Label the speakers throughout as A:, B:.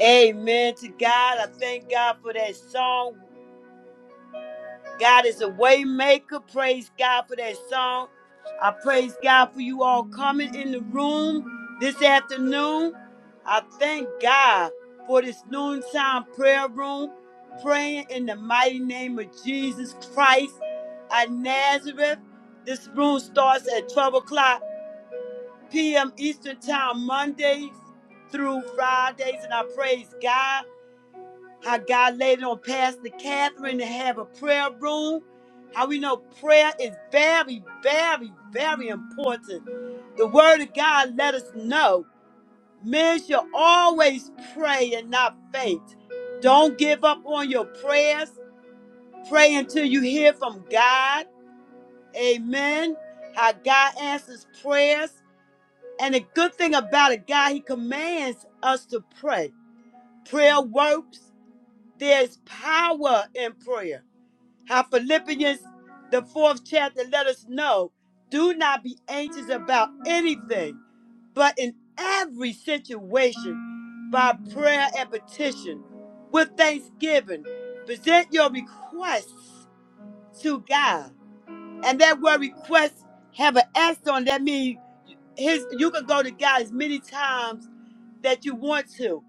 A: Amen to God. I thank God for that song. God is a way maker. Praise God for that song. I praise God for you all coming in the room this afternoon. I thank God for this noontime prayer room, praying in the mighty name of Jesus Christ at Nazareth. This room starts at 12 o'clock p.m. Eastern Time, Mondays through Fridays, and I praise God. how God laid it on Pastor Catherine to have a prayer room. How we know prayer is very, very, very important. The Word of God let us know men should always pray and not faint. Don't give up on your prayers. Pray until you hear from God. Amen. How God answers prayers. And the good thing about it, God, He commands us to pray. Prayer works. There's power in prayer. how Philippians, the fourth chapter, let us know do not be anxious about anything, but in every situation, by prayer and petition, with thanksgiving, present your requests to God. And that word request have an S on it. that means his you can go to God as many times that you want to.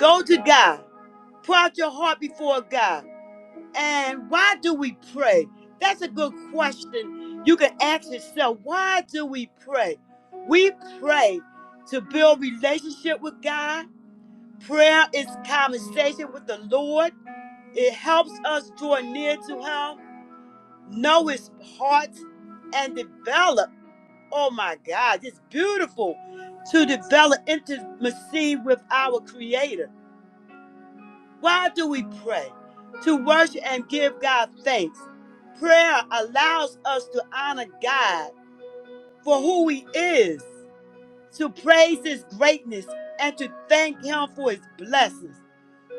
A: Go to God. Pour out your heart before God. And why do we pray? That's a good question. You can ask yourself, why do we pray? We pray to build relationship with God. Prayer is conversation with the Lord. It helps us draw near to him, know his heart, and develop. Oh my God, it's beautiful to develop intimacy with our creator. Why do we pray? To worship and give God thanks. Prayer allows us to honor God for who He is, to praise His greatness, and to thank Him for His blessings.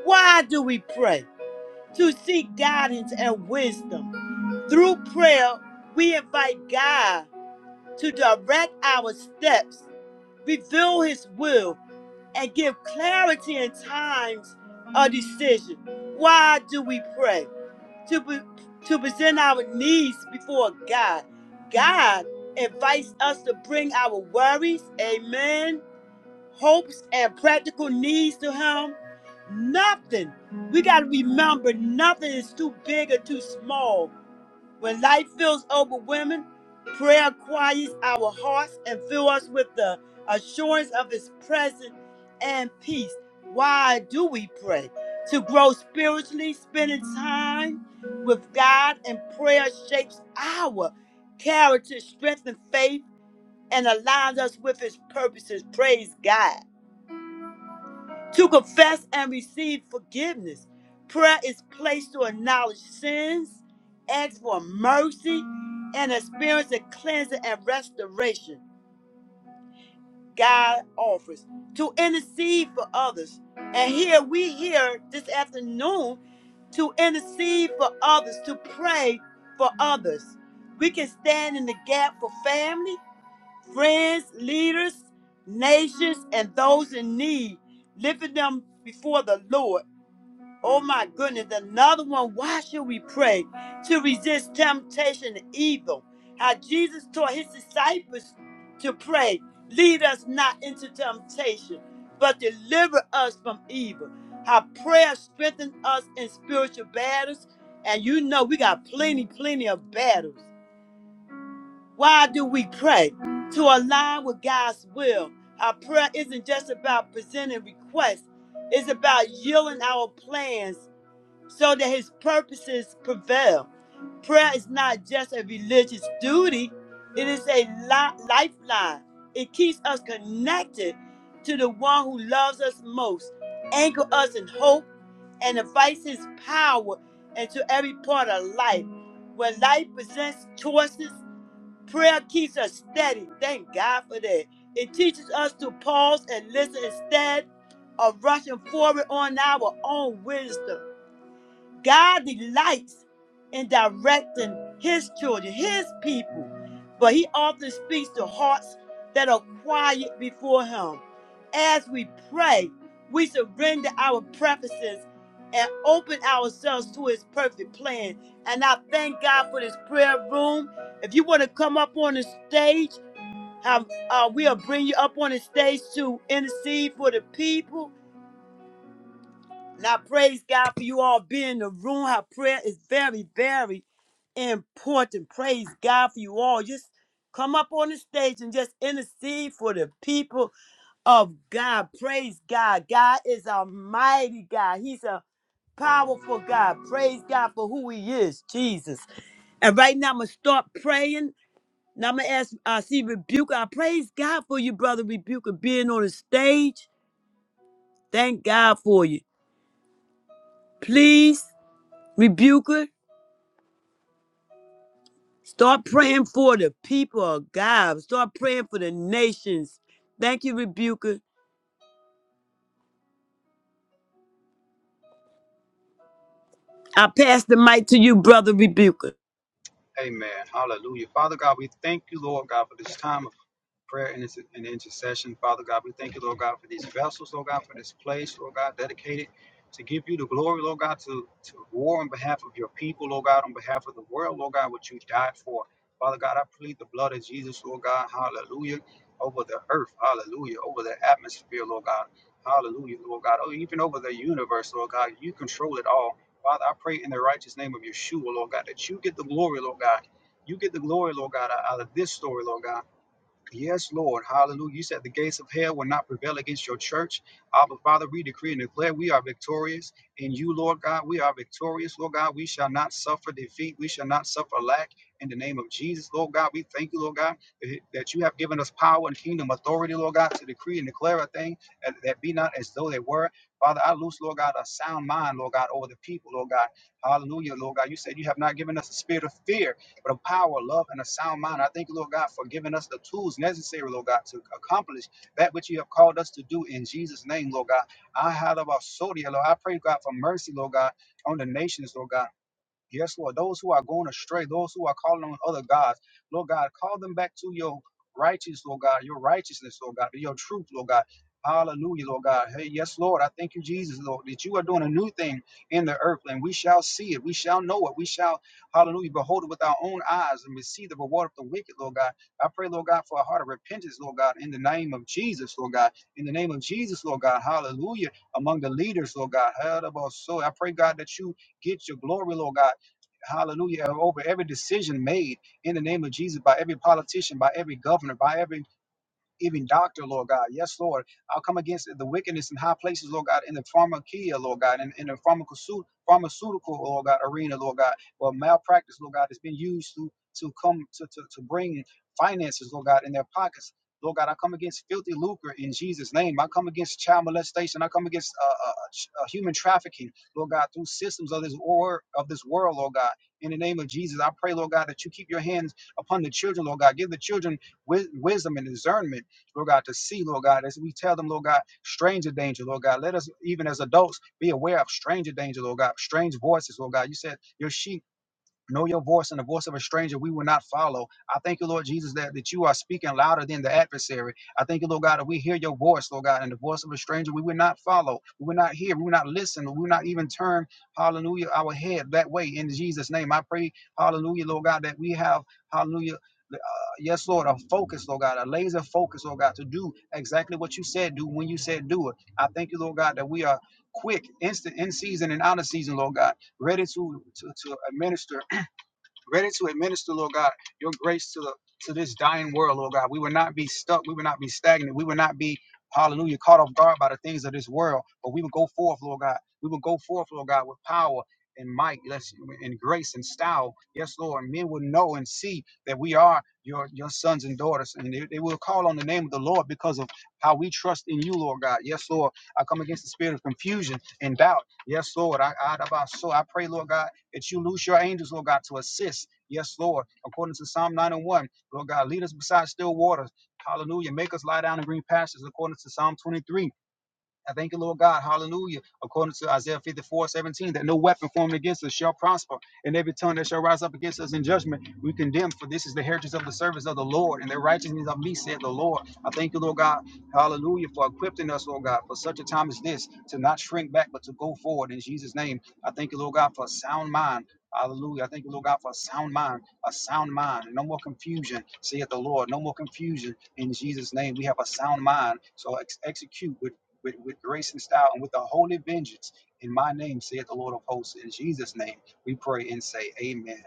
A: Why do we pray? To seek guidance and wisdom. Through prayer, we invite God to direct our steps, reveal His will, and give clarity in times of decision. Why do we pray? To, be, to present our needs before God. God invites us to bring our worries, amen, hopes, and practical needs to Him. Nothing. We got to remember nothing is too big or too small when life feels overwhelming, prayer quiets our hearts and fills us with the assurance of His presence and peace. Why do we pray? To grow spiritually, spending time with God and prayer shapes our character, strengthens faith, and aligns us with His purposes. Praise God to confess and receive forgiveness. Prayer is placed to acknowledge sins, ask for mercy, and experience the cleansing and restoration God offers to intercede for others. And here we here this afternoon to intercede for others, to pray for others. We can stand in the gap for family, friends, leaders, nations, and those in need, lifting them before the Lord. Oh my goodness, another one. Why should we pray? To resist temptation and evil. How Jesus taught his disciples to pray, lead us not into temptation, but deliver us from evil. How prayer strengthens us in spiritual battles. And you know we got plenty, plenty of battles. Why do we pray? To align with God's will. Our prayer isn't just about presenting requests, it's about yielding our plans so that his purposes prevail. Prayer is not just a religious duty, it is a li- lifeline. It keeps us connected to the one who loves us most, anchors us in hope, and invites his power into every part of life. When life presents choices, prayer keeps us steady. Thank God for that. It teaches us to pause and listen instead of rushing forward on our own wisdom. God delights in directing his children, his people, but he often speaks to hearts that are quiet before him. As we pray, we surrender our preferences and open ourselves to his perfect plan. And I thank God for this prayer room. If you want to come up on the stage, um, uh, we'll bring you up on the stage to intercede for the people. Now, praise God for you all being in the room. How prayer is very, very important. Praise God for you all. Just come up on the stage and just intercede for the people of God. Praise God. God is a mighty God. He's a powerful God. Praise God for who He is, Jesus. And right now, I'm going to start praying. Now, I'm going to ask, uh, see, Rebuke. I praise God for you, Brother Rebuker, being on the stage. Thank God for you. Please, Rebuker. Start praying for the people of God. Start praying for the nations. Thank you, Rebuker. I pass the mic to you, brother Rebuker.
B: Amen. Hallelujah. Father God, we thank you, Lord God, for this time of prayer and, inter- and intercession. Father God, we thank you, Lord God, for these vessels, Lord God, for this place, Lord God, dedicated to give you the glory, Lord God, to, to war on behalf of your people, Lord God, on behalf of the world, Lord God, what you died for. Father God, I plead the blood of Jesus, Lord God, hallelujah, over the earth, hallelujah, over the atmosphere, Lord God, hallelujah, Lord God, oh, even over the universe, Lord God, you control it all. Father, I pray in the righteous name of Yeshua, Lord God, that you get the glory, Lord God. You get the glory, Lord God, out out of this story, Lord God. Yes, Lord. Hallelujah. You said the gates of hell will not prevail against your church. Abba, Father, we decree and declare we are victorious. In you, Lord God, we are victorious. Lord God, we shall not suffer defeat. We shall not suffer lack. In the name of Jesus, Lord God, we thank you, Lord God, that that you have given us power and kingdom authority, Lord God, to decree and declare a thing that, that be not as though they were. Father, I loose, Lord God, a sound mind, Lord God, over the people, Lord God. Hallelujah, Lord God. You said you have not given us a spirit of fear, but of power, love, and a sound mind. I thank you, Lord God, for giving us the tools necessary, Lord God, to accomplish that which you have called us to do in Jesus' name, Lord God. I had about Sodia, Lord. I pray, God, for mercy, Lord God, on the nations, Lord God. Yes, Lord. Those who are going astray, those who are calling on other gods, Lord God, call them back to your righteous, Lord God, your righteousness, Lord God, your truth, Lord God. Hallelujah, Lord God. Hey, yes, Lord. I thank you, Jesus, Lord, that you are doing a new thing in the earth, and we shall see it. We shall know it. We shall, hallelujah, behold it with our own eyes and receive the reward of the wicked, Lord God. I pray, Lord God, for a heart of repentance, Lord God, in the name of Jesus, Lord God. In the name of Jesus, Lord God. Hallelujah. Among the leaders, Lord God. Hallelujah. So I pray, God, that you get your glory, Lord God hallelujah, over every decision made in the name of Jesus by every politician, by every governor, by every even doctor, Lord God. Yes, Lord. I'll come against the wickedness in high places, Lord God, in the pharmakia, Lord God, in, in the pharmacosu- pharmaceutical, Lord God, arena, Lord God. Well, malpractice, Lord God, has been used to to come to, to, to bring finances, Lord God, in their pockets. Lord God, I come against filthy lucre in Jesus' name. I come against child molestation. I come against uh, uh, ch- uh, human trafficking, Lord God, through systems of this war of this world, Lord God. In the name of Jesus, I pray, Lord God, that you keep your hands upon the children, Lord God. Give the children wi- wisdom and discernment. Lord God, to see, Lord God, as we tell them, Lord God, stranger danger, Lord God. Let us, even as adults, be aware of stranger danger, Lord God, strange voices, Lord God. You said your sheep know your voice and the voice of a stranger we will not follow. I thank you, Lord Jesus, that, that you are speaking louder than the adversary. I thank you, Lord God, that we hear your voice, Lord God, and the voice of a stranger we will not follow. We will not hear, we will not listen, we will not even turn, hallelujah, our head that way in Jesus' name. I pray, hallelujah, Lord God, that we have, hallelujah yes, Lord, a focus, Lord God, a laser focus, Lord God, to do exactly what you said do when you said do it. I thank you, Lord God, that we are quick, instant, in season and out of season, Lord God, ready to to, to administer ready to administer, Lord God, your grace to the to this dying world, Lord God. We will not be stuck. We will not be stagnant. We will not be, hallelujah, caught off guard by the things of this world. But we will go forth, Lord God. We will go forth, Lord God, with power and might, yes, and grace and style. Yes, Lord. Men will know and see that we are your your sons and daughters. And they, they will call on the name of the Lord because of how we trust in you, Lord God. Yes, Lord. I come against the spirit of confusion and doubt. Yes, Lord. I I, I so I pray, Lord God that you loose your angels, Lord God, to assist. Yes, Lord. According to Psalm 901, Lord God, lead us beside still waters. Hallelujah. Make us lie down in green pastures, according to Psalm 23. I thank you, Lord God. Hallelujah. According to Isaiah 54, 17, that no weapon formed against us shall prosper, and every tongue that shall rise up against us in judgment, we condemn. For this is the heritage of the servants of the Lord, and the righteousness of me, said the Lord. I thank you, Lord God. Hallelujah, for equipping us, Lord God, for such a time as this, to not shrink back, but to go forward in Jesus' name. I thank you, Lord God, for a sound mind. Hallelujah. I thank you, Lord God, for a sound mind, a sound mind. and No more confusion, saith the Lord. No more confusion in Jesus' name. We have a sound mind. So ex- execute with with, with grace and style and with a holy vengeance. In my name, saith the Lord of hosts, in Jesus' name, we pray and say, Amen.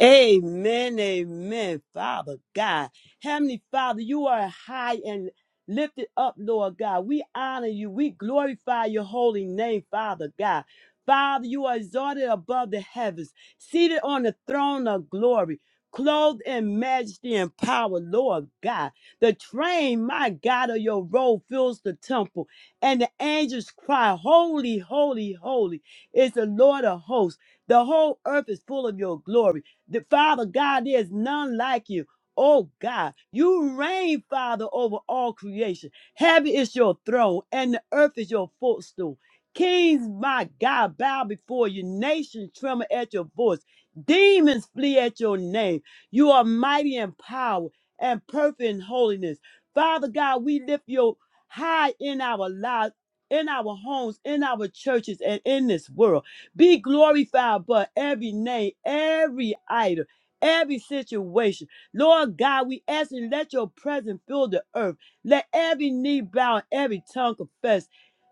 A: Amen, amen, Father God. Heavenly Father, you are high and lifted up, Lord God. We honor you. We glorify your holy name, Father God. Father, you are exalted above the heavens, seated on the throne of glory, clothed in majesty and power, Lord God. The train, my God, of your robe fills the temple, and the angels cry, Holy, holy, holy is the Lord of hosts. The whole earth is full of your glory. The Father God, there is none like you. Oh God, you reign, Father, over all creation. Heaven is your throne, and the earth is your footstool. Kings, my God, bow before you. Nations tremble at your voice. Demons flee at your name. You are mighty in power and perfect in holiness. Father God, we lift you high in our lives, in our homes, in our churches, and in this world. Be glorified, but every name, every idol, every situation. Lord God, we ask you, let your presence fill the earth. Let every knee bow and every tongue confess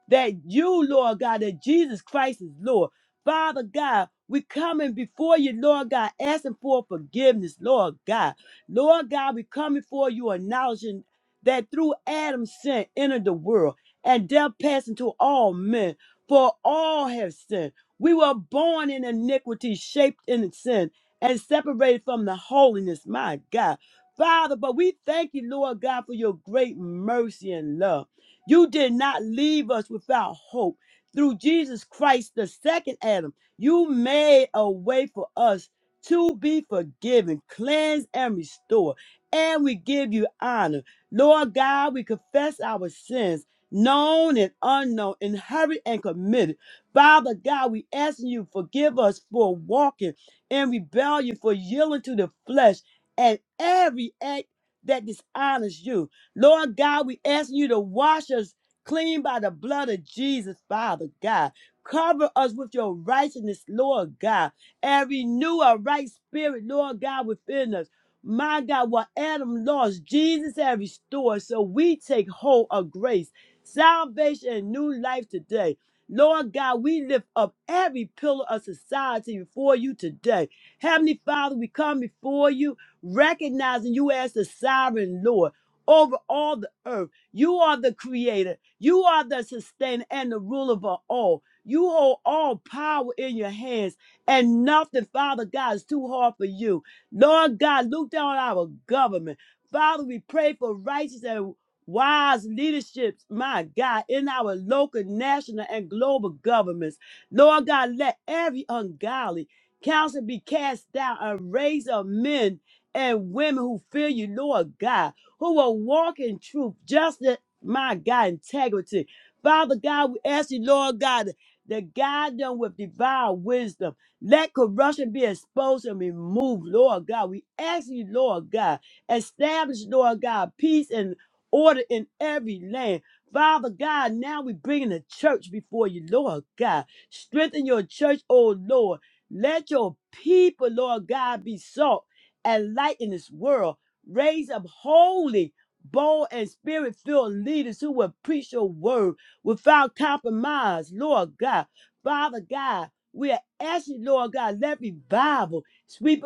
A: that you, Lord God, that Jesus Christ is Lord. Father God, we coming before you, Lord God, asking for forgiveness, Lord God. Lord God, we come before you, acknowledging that through Adam's sin entered the world, and death passed into all men, for all have sinned. We were born in iniquity, shaped in sin, and separated from the holiness. My God. Father, but we thank you, Lord God, for your great mercy and love. You did not leave us without hope. Through Jesus Christ, the second Adam, you made a way for us to be forgiven, cleansed, and restored. And we give you honor. Lord God, we confess our sins, known and unknown, inherited and committed. Father God, we asking you forgive us for walking in rebellion, for yielding to the flesh and every act that dishonors you. Lord God, we asking you to wash us clean by the blood of Jesus, Father God. Cover us with your righteousness, Lord God, and renew our right spirit, Lord God, within us. My God, what Adam lost, Jesus has restored. So we take hold of grace, salvation, and new life today. Lord God, we lift up every pillar of society before you today. Heavenly Father, we come before you, recognizing you as the sovereign Lord over all the earth. You are the creator, you are the sustainer, and the ruler of all. You hold all power in your hands, and nothing, Father God, is too hard for you. Lord God, look down on our government. Father, we pray for righteousness wise leaderships, my God, in our local, national, and global governments. Lord God, let every ungodly counsel be cast down and raise up men and women who fear you, Lord God, who will walk in truth, justice, my God, integrity. Father God, we ask you, Lord God, to guide them with divine wisdom. Let corruption be exposed and removed, Lord God. We ask you, Lord God, establish, Lord God, peace and order in every land. Father God, now we bringing the church before you, Lord God. Strengthen your church, oh Lord. Let your people, Lord God, be salt and light in this world. Raise up holy, bold, and spirit filled leaders who will preach your word without compromise, Lord God. Father God, we are asking, Lord God, let revival sweep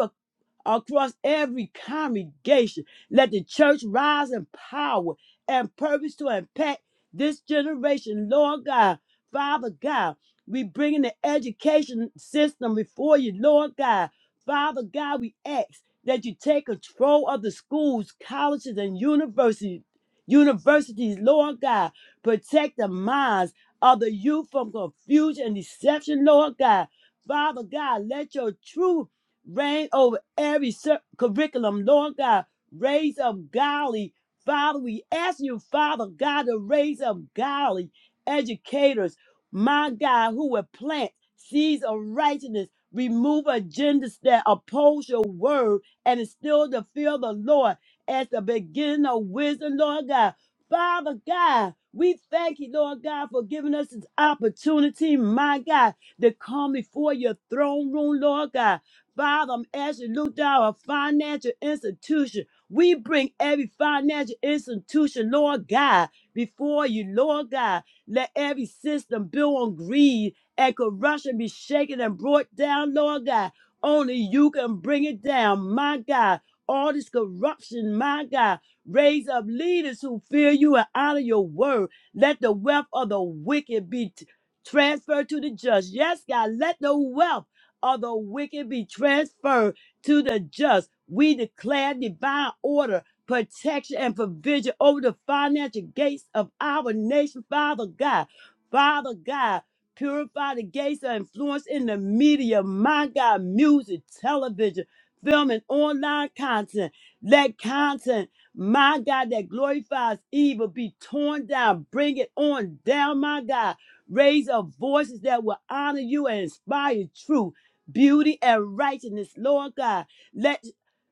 A: across every congregation. Let the church rise in power and purpose to impact this generation. Lord God, Father God, we bring in the education system before you, Lord God. Father God, we ask that you take control of the schools, colleges, and universities. Universities, Lord God, protect the minds of the youth from confusion and deception, Lord God. Father God, let your truth Reign over every cir- curriculum, Lord God. Raise up godly. Father, we ask you, Father God, to raise up godly educators, my God, who will plant seeds of righteousness, remove agendas that oppose your word, and instill the fear of the Lord as the beginning of wisdom, Lord God. Father God, we thank you, Lord God, for giving us this opportunity, my God, to come before your throne room, Lord God. Father, I'm asking you, look down a financial institution. We bring every financial institution, Lord God, before you, Lord God. Let every system built on greed and corruption be shaken and brought down, Lord God. Only you can bring it down, my God. All this corruption, my God. Raise up leaders who fear you and honor your word. Let the wealth of the wicked be t- transferred to the just. Yes, God, let the wealth of the wicked be transferred to the just. We declare divine order, protection, and provision over the financial gates of our nation, Father God. Father God, purify the gates of influence in the media, my God, music, television, film, and online content. Let content, my God, that glorifies evil be torn down. Bring it on down, my God. Raise up voices that will honor you and inspire truth beauty and righteousness, Lord God. Let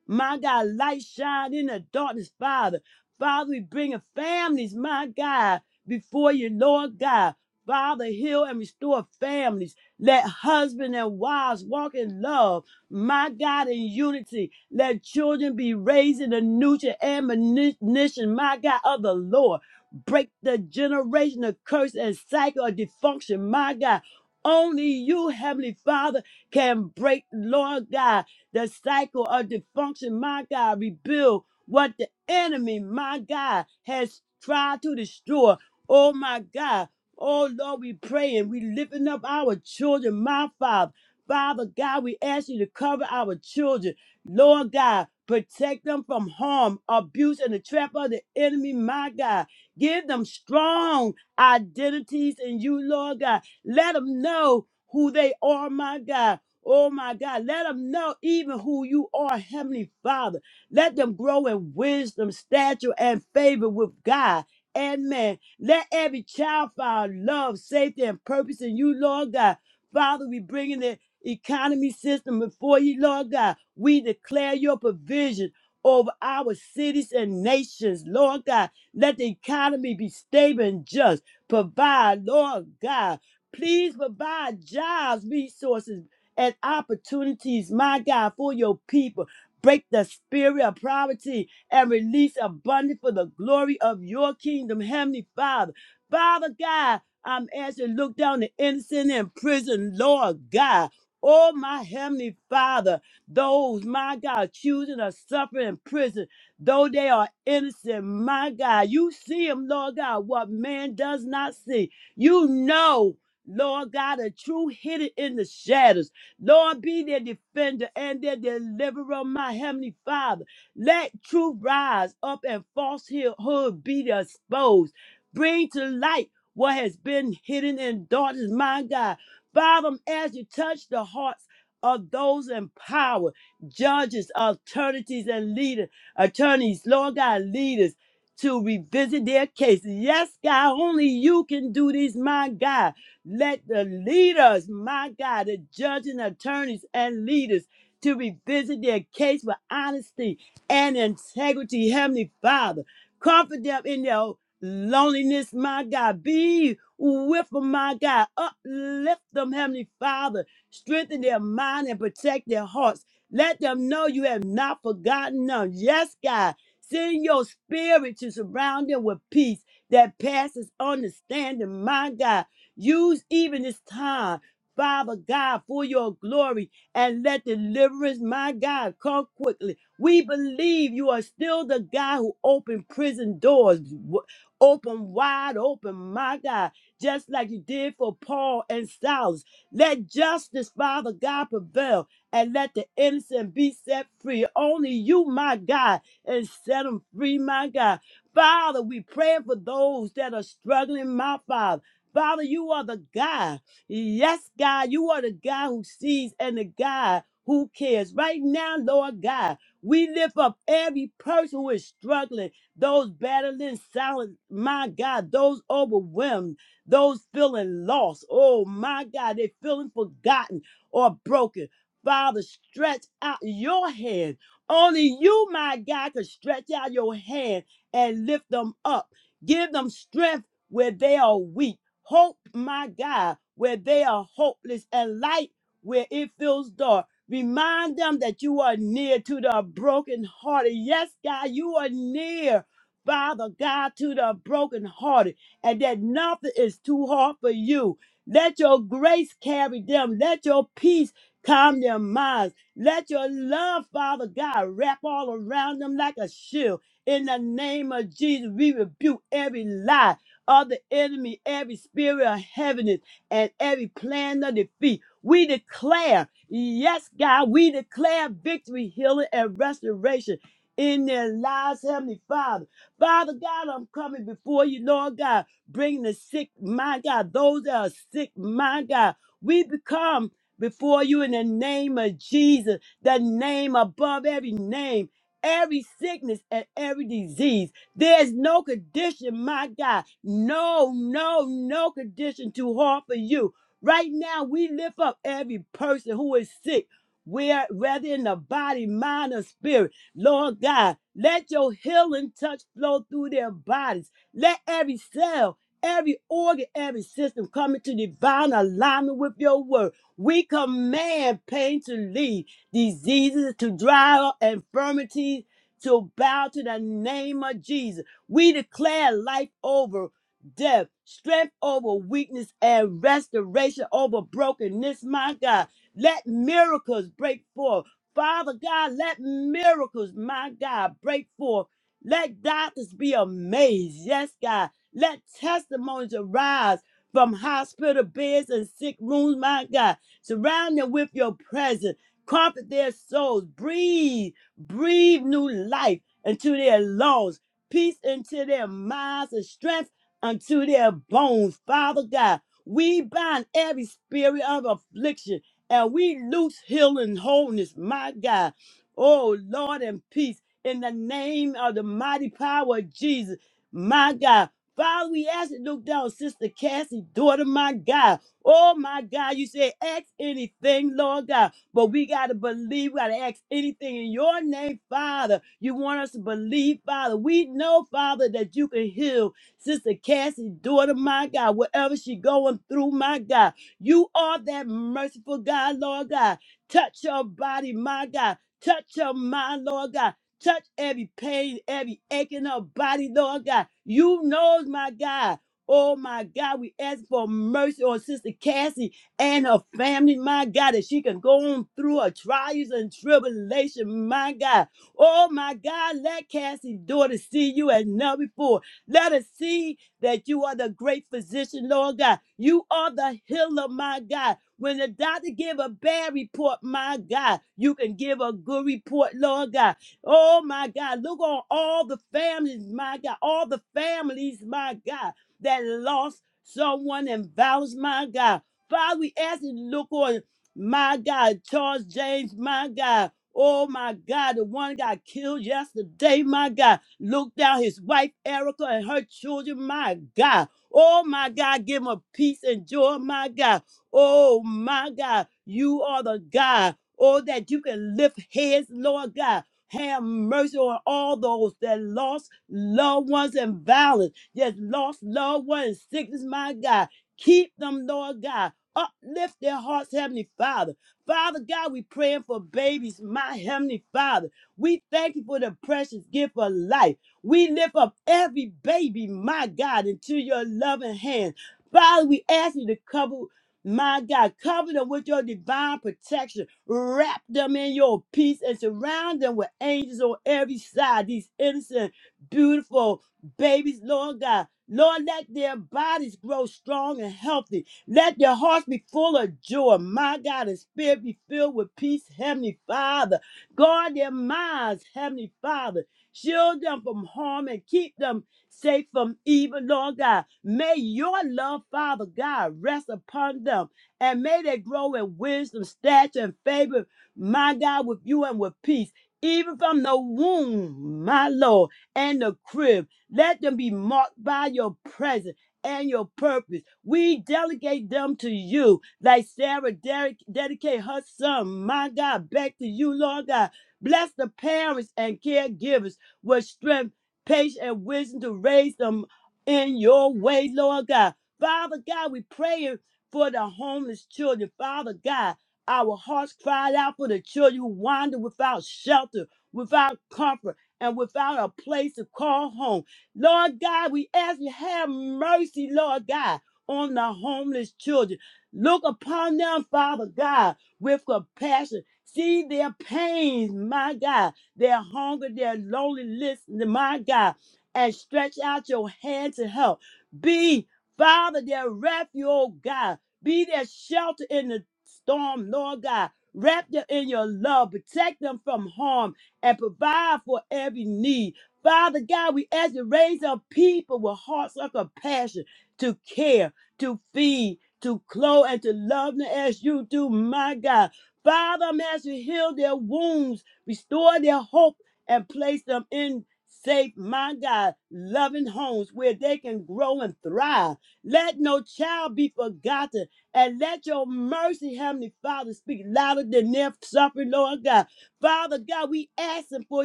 A: my God light shine in the darkness, Father. Father, we bring in families, my God, before you, Lord God. Father, heal and restore families. Let husband and wives walk in love, my God, in unity. Let children be raised in the nurture and admonition, my God, of the Lord. Break the generational curse and cycle of dysfunction, my God. Only you, Heavenly Father can break, Lord God, the cycle of dysfunction, my God, rebuild what the enemy, my God, has tried to destroy. Oh my God. Oh Lord, we pray and we lifting up our children, my Father. Father God, we ask you to cover our children. Lord God, protect them from harm, abuse, and the trap of the enemy, my God. Give them strong identities in you, Lord God. Let them know who they are, my God. Oh my God, let them know even who you are, Heavenly Father. Let them grow in wisdom, stature, and favor with God and man. Let every child find love, safety, and purpose in you, Lord God. Father, we bring in the economy system before you, Lord God. We declare your provision over our cities and nations, Lord God. Let the economy be stable and just. Provide, Lord God. Please provide jobs, resources, and opportunities, my God, for your people. Break the spirit of poverty and release abundance for the glory of your kingdom, Heavenly Father. Father God, I'm asking, look down the innocent in prison, Lord God. Oh, my Heavenly Father, those, my God, choosing or suffering in prison, though they are innocent, my God, you see them, Lord God, what man does not see. You know, Lord God, the truth hidden in the shadows. Lord, be their defender and their deliverer, my heavenly Father. Let truth rise up and falsehood be exposed. Bring to light what has been hidden in darkness, my God. Father, as you touch the hearts of those in power, judges, attorneys, and leaders, attorneys, Lord God, leaders, to revisit their cases. Yes, God, only you can do this, my God. Let the leaders, my God, the judges and attorneys and leaders, to revisit their case with honesty and integrity, Heavenly Father. Comfort them in their loneliness, my God. Be with them, my God. Uplift them, Heavenly Father. Strengthen their mind and protect their hearts. Let them know you have not forgotten them. Yes, God. Send your spirit to surround them with peace that passes understanding, my God. Use even this time, Father God, for your glory and let deliverance, my God, come quickly. We believe you are still the God who opened prison doors, w- open wide open, my God, just like you did for Paul and Silas. Let justice, Father God, prevail and let the innocent be set free. Only you, my God, and set them free, my God. Father, we pray for those that are struggling, my Father. Father, you are the God. Yes, God, you are the God who sees and the God who cares. Right now, Lord God, we lift up every person who is struggling, those battling silence, my God, those overwhelmed, those feeling lost. Oh, my God, they feeling forgotten or broken. Father, stretch out your hand. Only you, my God, can stretch out your hand and lift them up. Give them strength where they are weak. Hope, my God, where they are hopeless and light where it feels dark. Remind them that you are near to the brokenhearted. Yes, God, you are near, Father God, to the brokenhearted, and that nothing is too hard for you. Let your grace carry them. Let your peace calm their minds. Let your love, Father God, wrap all around them like a shield. In the name of Jesus, we rebuke every lie of the enemy, every spirit of heaviness, and every plan of defeat. We declare, yes, God, we declare victory, healing, and restoration in their lives, Heavenly Father. Father God, I'm coming before you, Lord God, bringing the sick, my God, those that are sick, my God. We become before you in the name of Jesus, the name above every name, every sickness and every disease. There's no condition, my God. No, no, no condition too hard for you. Right now, we lift up every person who is sick, where whether in the body, mind, or spirit. Lord God, let your healing touch flow through their bodies. Let every cell, every organ, every system come into divine alignment with your word. We command pain to leave, diseases to dry up, infirmities to bow to the name of Jesus. We declare life over death, strength over weakness, and restoration over brokenness. My God, let miracles break forth. Father God, let miracles, my God, break forth. Let doctors be amazed. Yes, God. Let testimonies arise from hospital beds and sick rooms, my God. Surround them with your presence. Comfort their souls. Breathe Breathe new life into their lungs, peace into their minds, and strength unto their bones. Father God, we bind every spirit of affliction and we loose healing wholeness, my God. Oh, Lord, and peace in the name of the mighty power of Jesus, my God. Father, we ask you to look down, Sister Cassie, daughter, my God. Oh, my God, you say, ask anything, Lord God. But we got to believe, we got to ask anything in your name, Father. You want us to believe, Father. We know, Father, that you can heal Sister Cassie's daughter, my God, whatever she going through, my God. You are that merciful God, Lord God. Touch your body, my God. Touch your mind, Lord God. Touch every pain, every ache in her body, Lord God. You knows, my God. Oh my God, we ask for mercy on Sister Cassie and her family, my God, that she can go on through her trials and tribulation, my God. Oh, my God, let Cassie's daughter see you as never before. Let her see that you are the great physician, Lord God. You are the healer, my God. When the doctor give a bad report, my God, you can give a good report, Lord God. Oh, my God, look on all the families, my God, all the families, my God, that lost someone in vows, my God. Father, we ask you to look on my God, Charles James, my God. Oh my God, the one got killed yesterday, my God. Look down his wife Erica and her children, my God. Oh my God, give him a peace and joy, my God. Oh my God, you are the God. Oh, that you can lift heads, Lord God. Have mercy on all those that lost loved ones in violence, that lost loved ones in sickness, my God. Keep them, Lord God. Uplift their hearts, Heavenly Father. Father God, we praying for babies, my Heavenly Father. We thank you for the precious gift of life. We lift up every baby, my God, into your loving hand. Father, we ask you to cover, my God, cover them with your divine protection. Wrap them in your peace and surround them with angels on every side. These innocent, beautiful babies, Lord God. Lord, let their bodies grow strong and healthy let your hearts be full of joy, my God, and spirit be filled with peace, Heavenly Father. Guard their minds, Heavenly Father. Shield them from harm and keep them safe from evil, Lord God. May your love, Father God, rest upon them and may they grow in wisdom, stature, and favor, my God, with you and with peace, even from the womb, my Lord, and the crib. Let them be marked by your presence and your purpose. We delegate them to you, like Sarah dedic- dedicate her son, my God, back to you, Lord God. Bless the parents and caregivers with strength, patience, and wisdom to raise them in your way, Lord God. Father God, we pray for the homeless children. Father God, our hearts cried out for the children who wander without shelter, without comfort, and without a place to call home. Lord God, we ask you have mercy, Lord God, on the homeless children. Look upon them, Father God, with compassion. See their pains, my God, their hunger, their loneliness, my God, and stretch out your hand to help. Be, Father, their refuge, oh God. Be their shelter in the storm, Lord God. Wrap them in your love, protect them from harm, and provide for every need. Father God, we ask you to raise up people with hearts of compassion to care, to feed, to clothe, and to love them as you do, my God. Father, I'm asking you to heal their wounds, restore their hope, and place them in safe, my God, loving homes where they can grow and thrive. Let no child be forgotten, and let your mercy, Heavenly Father, speak louder than their suffering, Lord God. Father God, we asking for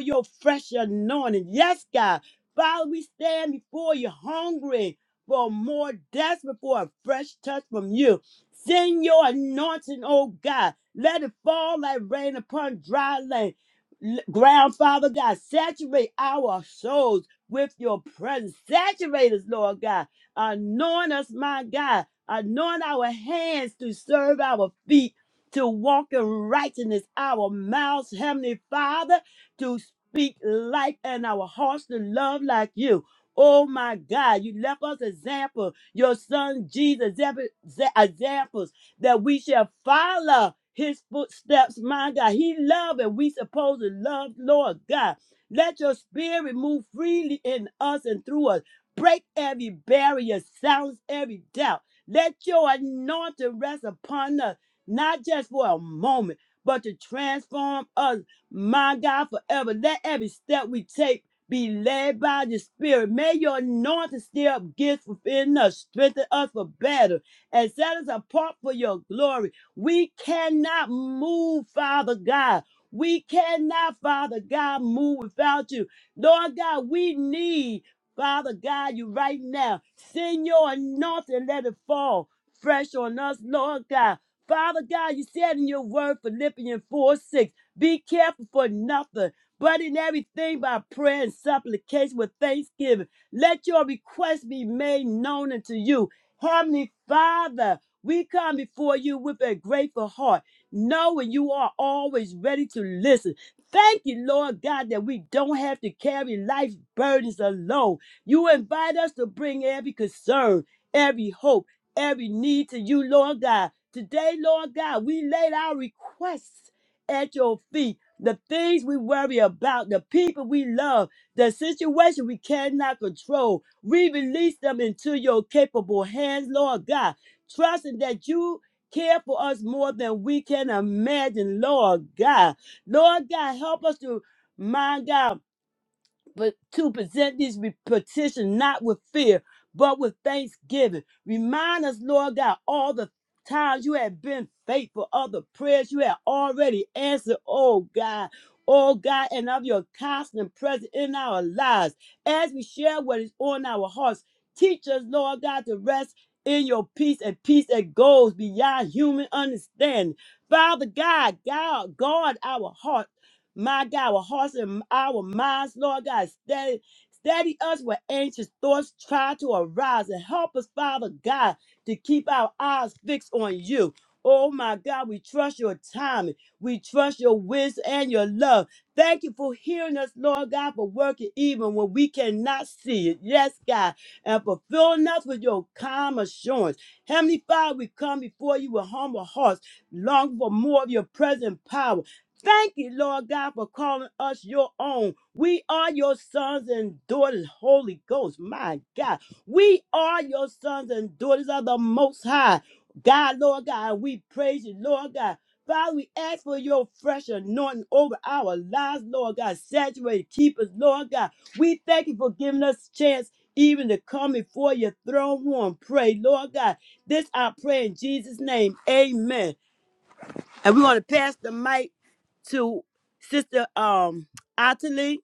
A: your fresh anointing. Yes, God. Father, we stand before you hungry for more, desperate for a fresh touch from you. Send your anointing, oh God. Let it fall like rain upon dry land. L- Ground, Father God, saturate our souls with your presence. Saturate us, Lord God. Anoint us, my God. Anoint our hands to serve our feet to walk in righteousness, our mouths, Heavenly Father, to speak life and our hearts to love like you. Oh my God, you left us example, your son Jesus example- exa- examples that we shall follow his footsteps, my God. He loved and we supposed to love, Lord God. Let your spirit move freely in us and through us. Break every barrier, silence every doubt. Let your anointing rest upon us not just for a moment, but to transform us, my God, forever. Let every step we take be led by the Spirit. May your anointing stir up gifts within us, strengthen us for battle, and set us apart for your glory. We cannot move, Father God. We cannot, Father God, move without you. Lord God, we need, Father God, you right now. Send your anointing, let it fall fresh on us, Lord God. Father God, you said in your word, Philippians 4 6, be careful for nothing, but in everything by prayer and supplication with thanksgiving. Let your requests be made known unto you. Heavenly Father, we come before you with a grateful heart, knowing you are always ready to listen. Thank you, Lord God, that we don't have to carry life's burdens alone. You invite us to bring every concern, every hope every need to you, Lord God. Today, Lord God, we laid our requests at your feet. The things we worry about, the people we love, the situation we cannot control, we release them into your capable hands, Lord God, trusting that you care for us more than we can imagine, Lord God. Lord God, help us to, my God, but to present these re- petitions not with fear, but with thanksgiving. Remind us, Lord God, all the times you have been faithful, all the prayers you have already answered, oh God. Oh God, and of your constant presence in our lives as we share what is on our hearts. Teach us, Lord God, to rest in your peace and peace that goes beyond human understanding. Father God, God, guard our heart my God, our hearts and our minds, Lord God, steady, steady us where anxious thoughts try to arise and help us, Father God, to keep our eyes fixed on you. Oh my God, we trust your timing. We trust your wisdom and your love. Thank you for hearing us, Lord God, for working even when we cannot see it. Yes, God, and for filling us with your calm assurance. Heavenly Father, we come before you with humble hearts, longing for more of your present power Thank you, Lord God, for calling us your own. We are your sons and daughters, Holy Ghost. My God, we are your sons and daughters of the Most High. God, Lord God, we praise you, Lord God. Father, we ask for your fresh anointing over our lives, Lord God. Saturate, keep us, Lord God. We thank you for giving us a chance even to come before your throne room. and Pray, Lord God. This I pray in Jesus' name. Amen. And we're going to pass the mic to Sister um Ottilie.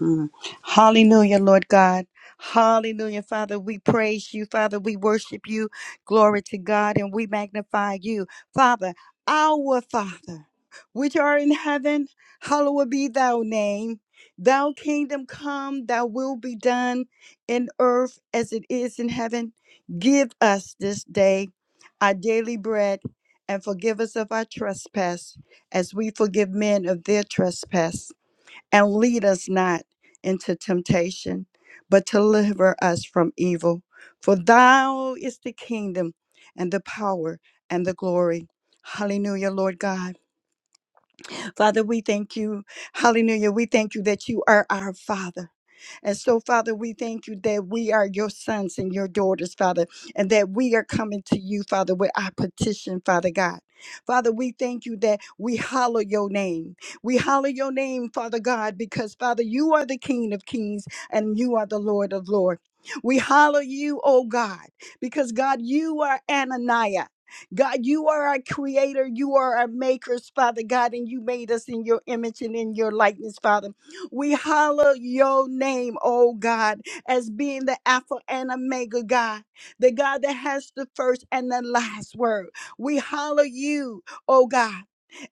C: Mm. Hallelujah, Lord God. Hallelujah, Father. We praise you, Father. We worship you. Glory to God, and we magnify you, Father, our Father, which are in heaven. Hallowed be thy name. Thou kingdom come, thy will be done in earth as it is in heaven. Give us this day our daily bread and forgive us of our trespass as we forgive men of their trespass and lead us not into temptation, but deliver us from evil. For thou is the kingdom and the power and the glory. Hallelujah, Lord God. Father, we thank you. Hallelujah. We thank you that you are our Father. And so, Father, we thank you that we are your sons and your daughters, Father, and that we are coming to you, Father, with our petition, Father God. Father, we thank you that we hallow your name. We hallow your name, Father God, because, Father, you are the King of kings and you are the Lord of lords. We hallow you, oh God, because, God, you are Ananiah. God, you are our creator. You are our makers, Father God, and you made us in your image and in your likeness, Father. We holler your name, oh God, as being the Alpha and Omega God, the God that has the first and the last word. We holler you, oh God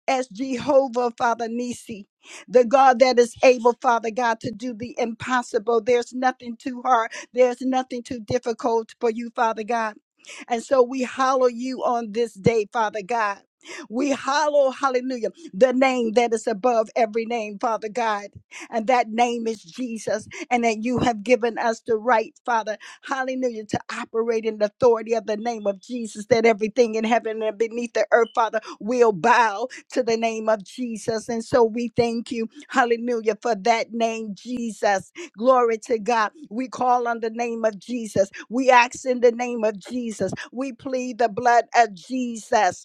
C: as Jehovah, Father Nisi, the God that is able, Father God, to do the impossible. There's nothing too hard, there's nothing too difficult for you, Father God. And so we hallow you on this day, Father God. We hallow, hallelujah, the name that is above every name, Father God. And that name is Jesus. And that you have given us the right, Father, hallelujah, to operate in the authority of the name of Jesus, that everything in heaven and beneath the earth, Father, will bow to the name of Jesus. And so we thank you, hallelujah, for that name, Jesus. Glory to God. We call on the name of Jesus. We ask in the name of Jesus. We plead the blood of Jesus.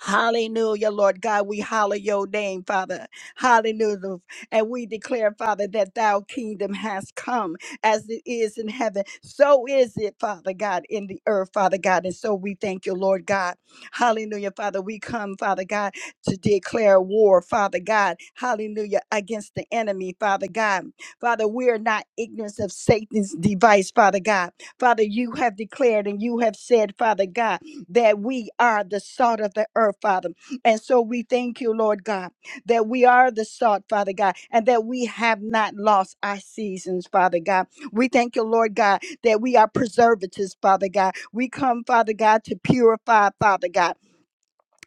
C: Hallelujah, Lord God. We holler your name, Father. Hallelujah. And we declare, Father, that thou kingdom has come as it is in heaven. So is it, Father God, in the earth, Father God. And so we thank you, Lord God. Hallelujah, Father. We come, Father God, to declare war, Father God. Hallelujah, against the enemy, Father God. Father, we are not ignorant of Satan's device, Father God. Father, you have declared and you have said, Father God that we are the salt of the earth, Father. And so we thank you, Lord God, that we are the salt, Father God, and that we have not lost our seasons, Father God. We thank you, Lord God, that we are preservatives, Father God. We come, Father God, to purify, Father God.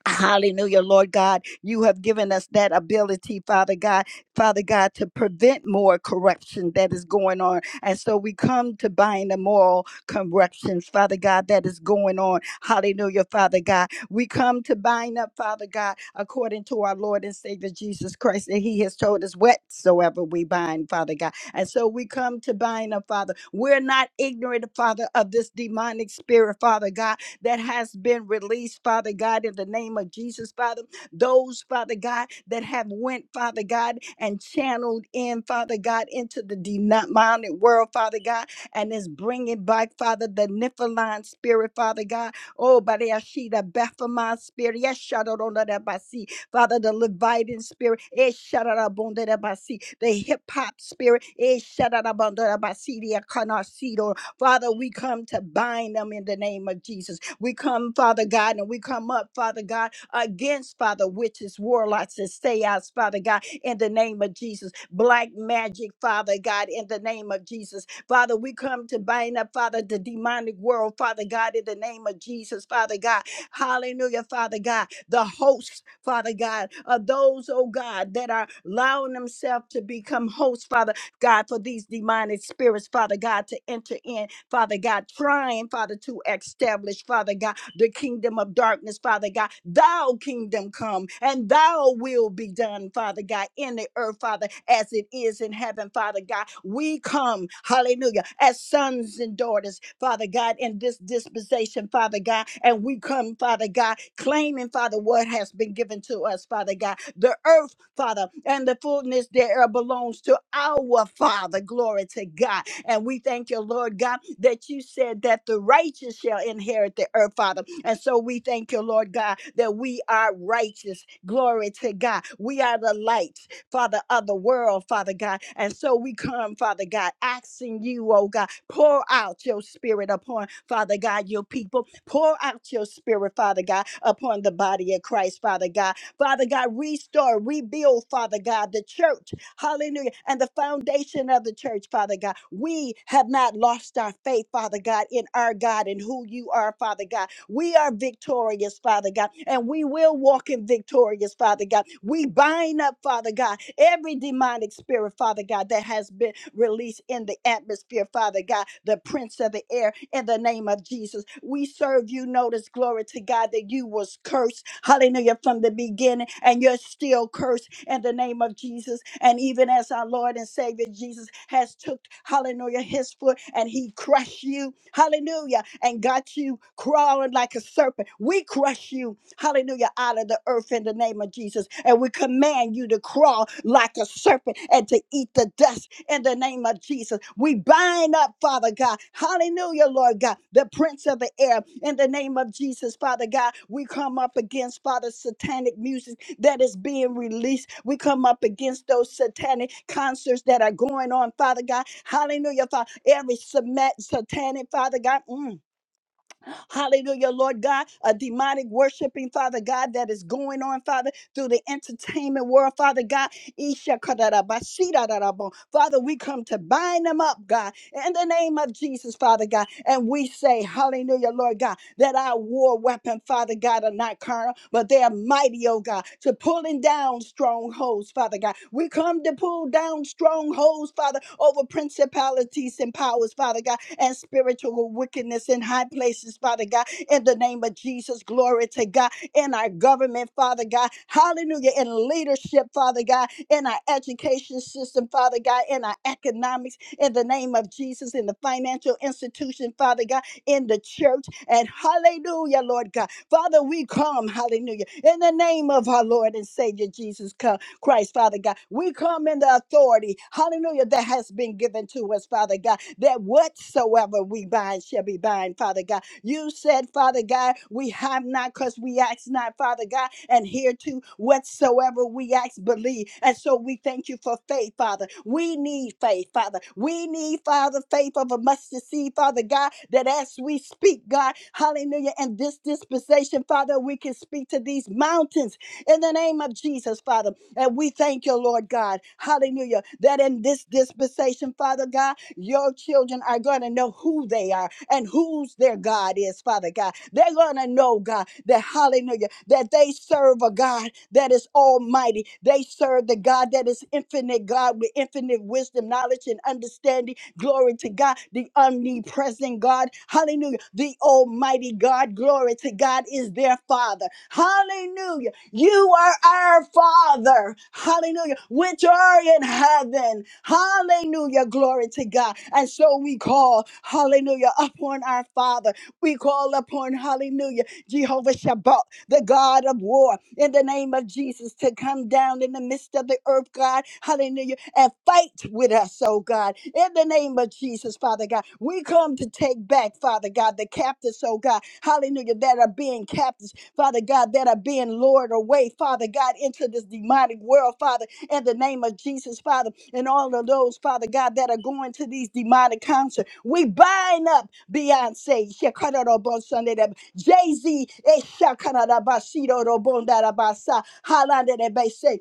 C: Hallelujah, Lord God. You have given us that ability, Father God, Father God, to prevent more corruption that is going on. And so we come to bind the moral corruptions, Father God, that is going on. Hallelujah, Father God. We come to bind up, Father God, according to our Lord and Savior Jesus Christ, that He has told us whatsoever we bind, Father God. And so we come to bind up, Father. We're not ignorant, Father, of this demonic spirit, Father God that has been released, Father God, in the name of Jesus, Father. Those, Father God, that have went, Father God, and channeled in, Father God, into the demonic world, Father God, and is bringing back, Father, the Nephilim spirit, Father God. Oh, Bariashida, Baphomet spirit. Yes, Shadodonabasi. Father, the Levitan spirit. Eh, Shadadabondadabasi. The hip hop spirit. Eh, Shadadabondadabasi. The Akanasido. Father, we come to bind them in the name of Jesus. We come, Father God, and we come up, Father God, against, Father, witches, warlocks, and seance, Father God, in the name of Jesus. Black magic, Father God, in the name of Jesus. Father, we come to bind up, Father, the demonic world, Father God, in the name of Jesus, Father God. Hallelujah, Father God. The hosts, Father God, of those, oh God, that are allowing themselves to become hosts, Father God, for these demonic spirits, Father God, to enter in. Father God, trying, Father, to establish, Father God, the kingdom of darkness, Father God. Thou kingdom come and thou will be done, Father God, in the earth, Father, as it is in heaven, Father God. We come, hallelujah, as sons and daughters, Father God, in this dispensation, Father God, and we come, Father God, claiming, Father, what has been given to us, Father God. The earth Father, and the fullness thereof belongs to our Father. Glory to God. And we thank you, Lord God, that you said that the righteous shall inherit the earth, Father. And so we thank you, Lord God, that we are righteous. Glory to God. We are the light, Father, of the world, Father God. And so we come, Father God, asking you, oh God, pour out your spirit upon, Father God, your people. Pour out your spirit, Father God, upon the body of Christ, Father God Father God, restore, rebuild, Father God, the church. Hallelujah. And the foundation of the church, Father God. We have not lost our faith, Father God, in our God and who you are, Father God. We are victorious, Father God, and we will walk in victorious, Father God. We bind up, Father God, every demonic spirit, Father God, that has been released in the atmosphere, Father God, the prince of the air, in the name of Jesus. We serve you, notice, glory to God, that you was cursed, hallelujah, from the beginning, and you're still cursed in the name of Jesus. And even as our Lord and Savior Jesus has took, hallelujah, his foot and he crushed you, hallelujah, and got you crawling like a serpent. We crush you, hallelujah, out of the earth in the name of Jesus. And we command you to crawl like a serpent and to eat the dust in the name of Jesus. We bind up, Father God. Hallelujah, Lord God, the prince of the air in the name of Jesus, Father God. We come up against, Father, satanic music that is being released. We come up against those satanic concerts that are going on, Father God. Hallelujah, Father. Every subma- satanic, Father God. mm, Hallelujah, Lord God. A demonic worshiping, Father God, that is going on, Father, through the entertainment world, Father God. Isha kadarabashirarabo. Father, we come to bind them up, God, in the name of Jesus, Father God. And we say, Hallelujah, Lord God, that our war weapon, Father God, are not carnal, but they are mighty, oh God, to pulling down strongholds, Father God. We come to pull down strongholds, Father, over principalities and powers, Father God and spiritual wickedness in high places, Father God, in the name of Jesus. Glory to God in our government, Father God. Hallelujah. In leadership, Father God, in our education system, Father God, in our economics, in the name of Jesus, in the financial institution, Father God, in the church. And hallelujah, Lord God. Father, we come, hallelujah, in the name of our Lord and Savior Jesus Co- Christ, Father God. We come in the authority, hallelujah, that has been given to us, Father God that whatsoever we bind shall be bind, Father God. You said, Father God, we have not because we ask not, Father God, and hereto whatsoever we ask, believe. And so we thank you for faith, Father. We need faith, Father. We need, Father, faith of a mustard seed, Father God, that as we speak, God, hallelujah, and this dispensation, Father, we can speak to these mountains in the name of Jesus, Father. And we thank you, Lord God. Hallelujah. That in this dispensation, Father God, your children are going to know who they are and whose their God is, Father God. They're going to know, God, that hallelujah, that they serve a God that is almighty. They serve the God that is infinite, God, with infinite wisdom, knowledge, and understanding. Glory to God, the omnipresent God. Hallelujah. The almighty God, glory to God, is their Father. Hallelujah. You are our Father. Hallelujah. Which are in heaven. Hallelujah. Glory to God. And so we call, hallelujah, upon our Father. We call upon, hallelujah, Jehovah Shabbat, the God of war, in the name of Jesus, to come down in the midst of the earth, God. Hallelujah. And fight with us, oh God. In the name of Jesus, Father God. We come to take back, Father God, the captives, oh God. Hallelujah. That are being captives. Father God, that are being lured away, Father God, into this demonic world, Father, in the name of Jesus, Father, and all of those, Father God, that are going to these demonic concerts. We bind up Beyonce, Sunday, Jay Z, Halandere Bese,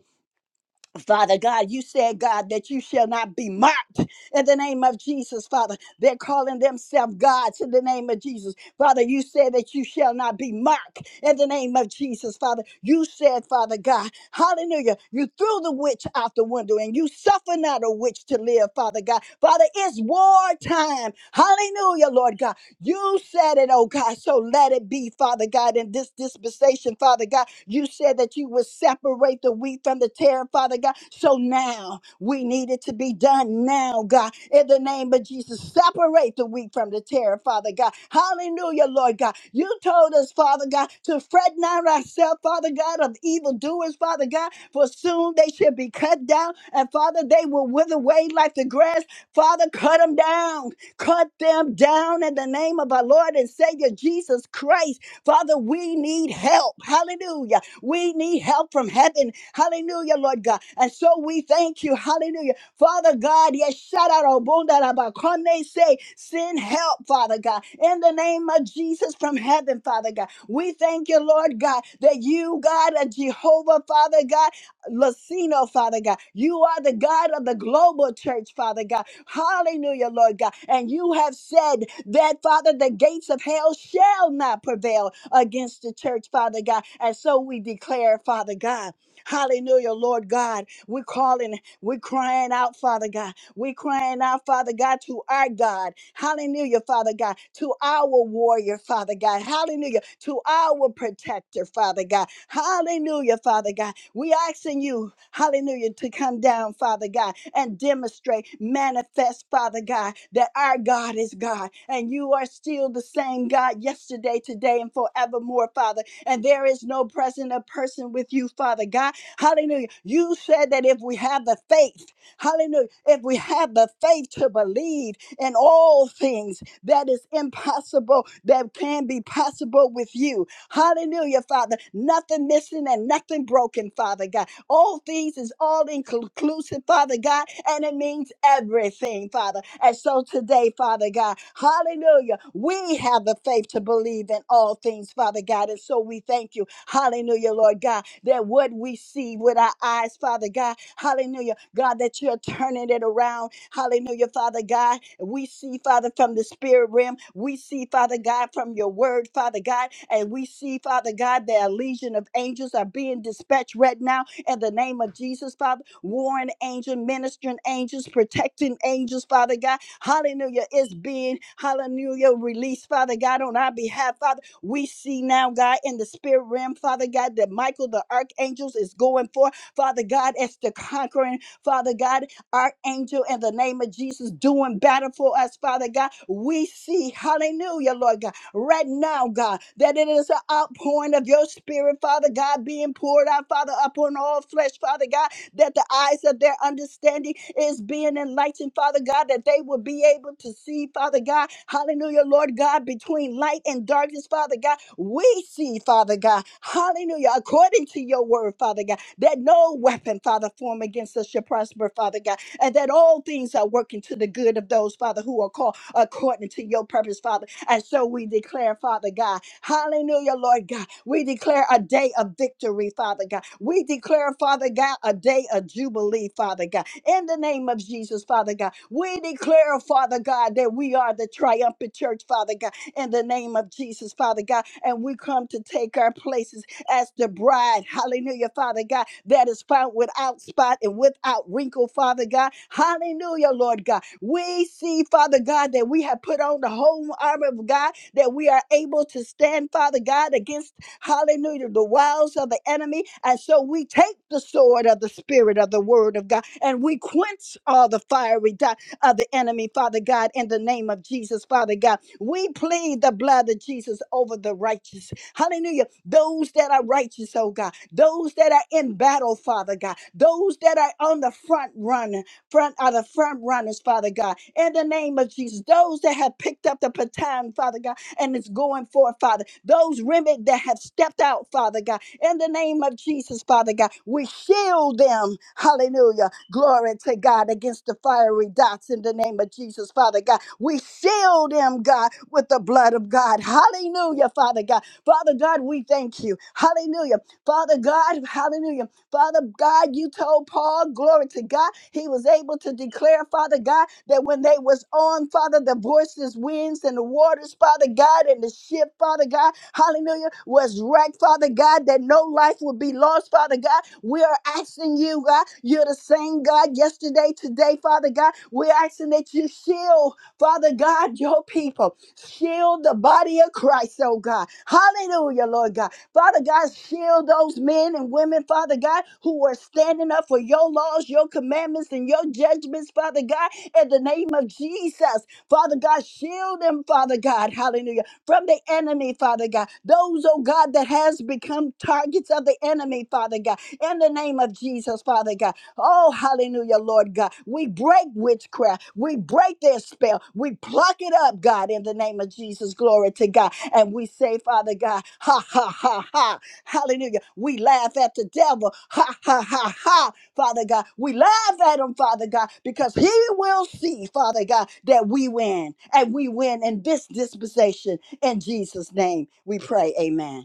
C: Father God, you said, God, that you shall not be mocked in the name of Jesus, Father. They're calling themselves gods in the name of Jesus. Father, you said that you shall not be mocked in the name of Jesus, Father. You said, Father God, hallelujah, you threw the witch out the window and you suffer not a witch to live, Father God. Father, it's war time. Hallelujah, Lord God. You said it, oh God. So let it be, Father God, in this dispensation, Father God. You said that you would separate the wheat from the tare, Father God. So now we need it to be done now, God. In the name of Jesus, separate the wheat from the tare, Father God. Hallelujah, Lord God. You told us, Father God, to fret not ourselves, Father God, of evildoers, Father God, for soon they shall be cut down, and Father, they will wither away like the grass. Father, cut them down. Cut them down in the name of our Lord and Savior Jesus Christ. Father, we need help. Hallelujah. We need help from heaven. Hallelujah, Lord God. And so we thank you. Hallelujah. Father God, yes, shout out, Obundarabakone, say, send help, Father God, in the name of Jesus from heaven, Father God. We thank you, Lord God, that you, God, are Jehovah, Father God, Lucino, Father God. You are the God of the global church, Father God. Hallelujah, Lord God. And you have said that, Father, the gates of hell shall not prevail against the church, Father God. And so we declare, Father God. Hallelujah, Lord God. We're calling, we're crying out, Father God. We're crying out, Father God, to our God. Hallelujah, Father God, to our warrior, Father God. Hallelujah, to our protector, Father God. Hallelujah, Father God. We asking you, hallelujah, to come down, Father God, and demonstrate, manifest, Father God, that our God is God and you are still the same God yesterday, today, and forevermore, Father. And there is no present a person with you, Father God. Hallelujah. You said that if we have the faith, hallelujah, if we have the faith to believe in all things that is impossible, that can be possible with you. Hallelujah, Father. Nothing missing and nothing broken, Father God. All things is all inclusive, Father God, and it means everything, Father. And so today, Father God, hallelujah, we have the faith to believe in all things, Father God. And so we thank you, hallelujah, Lord God, that what we see with our eyes, Father God, hallelujah, God, that you're turning it around, hallelujah, Father God, we see, Father, from the spirit realm. We see, Father God, from your word, Father God. And we see, Father God, that a legion of angels are being dispatched right now in the name of Jesus, Father. Warring angel, ministering angels, protecting angels, Father God. Hallelujah is being, hallelujah, released, Father God, on our behalf, Father. We see now, God, in the spirit realm, Father God, that Michael the archangels is going forth, Father God, as the conquering, Father God archangel in the name of Jesus doing battle for us, Father God. We see, hallelujah, Lord God, right now, God, that it is an outpouring of your spirit, Father God, being poured out, Father, upon all flesh, Father God, that the eyes of their understanding is being enlightened, Father God, that they will be able to see, Father God, hallelujah, Lord God, between light and darkness, Father God. We see, Father God, hallelujah, according to your word, Father God, that no weapon, Father, form against us shall prosper, Father God and that all things are working to the good of those, Father, who are called according to your purpose, Father. And so we declare, Father God, hallelujah, Lord God, we declare a day of victory, Father God. We declare, Father God, a day of jubilee, Father God. In the name of Jesus, Father God, we declare, Father God, that we are the triumphant church, Father God in the name of Jesus, Father God. And we come to take our places as the bride. Hallelujah, Father God, that is found without spot and without wrinkle, Father God. Hallelujah, Lord God. We see, Father God, that we have put on the whole armor of God, that we are able to stand, Father God, against, hallelujah, the wiles of the enemy. And so we take the sword of the Spirit of the Word of God and we quench all the fiery darts of the enemy, Father God, in the name of Jesus, Father God. We plead the blood of Jesus over the righteous. Hallelujah those that are righteous, oh God, those that are in battle, Father God, those that are on the front run, front are the front runners, Father God, in the name of Jesus, those that have picked up the baton, Father God, and it's going forth, Father, those remnant that have stepped out, Father God, in the name of Jesus, Father God, we shield them, hallelujah, glory to God, against the fiery dots in the name of Jesus, Father God, we shield them, God, with the blood of God, hallelujah, Father God, Father God, we thank you. Hallelujah. Father God, hallelujah. Father God, you told Paul, glory to God, he was able to declare, Father God, that when they was on, Father, the voices, winds, and the waters, Father God, and the ship, Father God, hallelujah, was wrecked, Father God, that no life would be lost, Father God. We are asking you, God, you're the same God yesterday, today, Father God. We're asking that you shield, Father God, your people. Shield the body of Christ, oh God. Hallelujah, Lord God. Father God, shield those men and women, Father God, who are standing up for your laws, your commandments, and your judgments, Father God, in the name of Jesus. Father God, shield them, Father God, hallelujah, from the enemy, Father God. Those, oh God, that has become targets of the enemy, Father God, in the name of Jesus, Father God. Oh, hallelujah, Lord God. We break witchcraft. We break their spell. We pluck it up, God, in the name of Jesus. Glory to God. And we say, Father God, ha, ha, ha, ha. Hallelujah. We laugh at the devil. Ha, ha, ha, ha. Father God. We laugh at him, Father God, because he will see, Father God, that we win. And we win in this dispensation. In Jesus' name, we pray. Amen.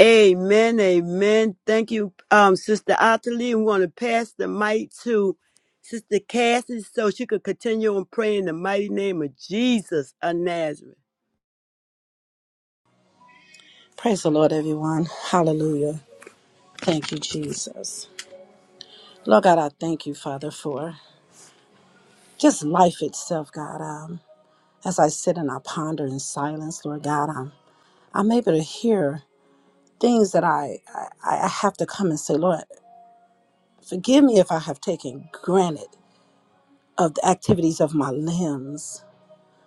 A: Amen, amen. Thank you, um, Sister Ottilie. We want to pass the mic to Sister Cassie so she could continue on praying in the mighty name of Jesus of Nazareth.
D: Praise the Lord, everyone. Hallelujah. Thank you, Jesus. Lord God, I thank you, Father, for just life itself, God. Um, as I sit and I ponder in silence, Lord God, I'm, I'm able to hear things that I, I, I have to come and say, Lord, forgive me if I have taken granted of the activities of my limbs.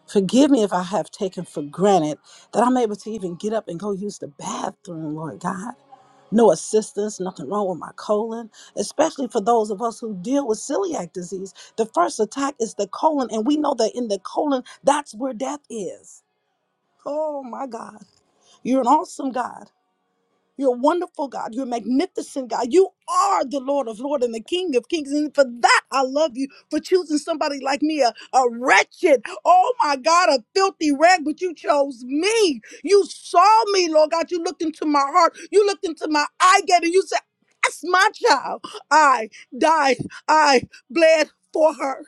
D: Forgive me if I have taken for granted that I'm able to even get up and go use the bathroom, Lord God. No assistance, nothing wrong with my colon, especially for those of us who deal with celiac disease. The first attack is the colon, and we know that in the colon, that's where death is. Oh my God. You're an awesome God. You're a wonderful God. You're a magnificent God. You are the Lord of Lords and the King of Kings. And for that, I love you for choosing somebody like me, a, a wretched, oh my God, a filthy rag, but you chose me. You saw me, Lord God. You looked into my heart. You looked into my eye gate and you said, That's my child. I died. I bled for her.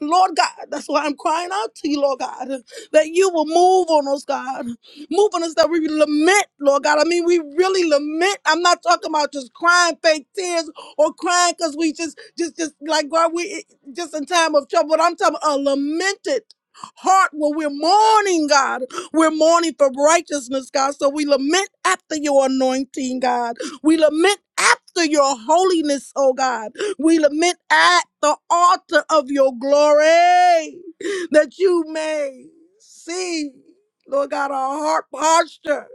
D: Lord God, that's why I'm crying out to you, Lord God, that you will move on us, God. Move on us that we lament, Lord God. I mean, we really lament. I'm not talking about just crying fake tears or crying because we just, just, just like God, we just in time of trouble. But I'm talking a lamented heart where we're mourning, God. We're mourning for righteousness, God. So we lament after your anointing, God. We lament after your holiness, oh God. We lament at the altar of your glory that you may see. Lord God, our heart posture,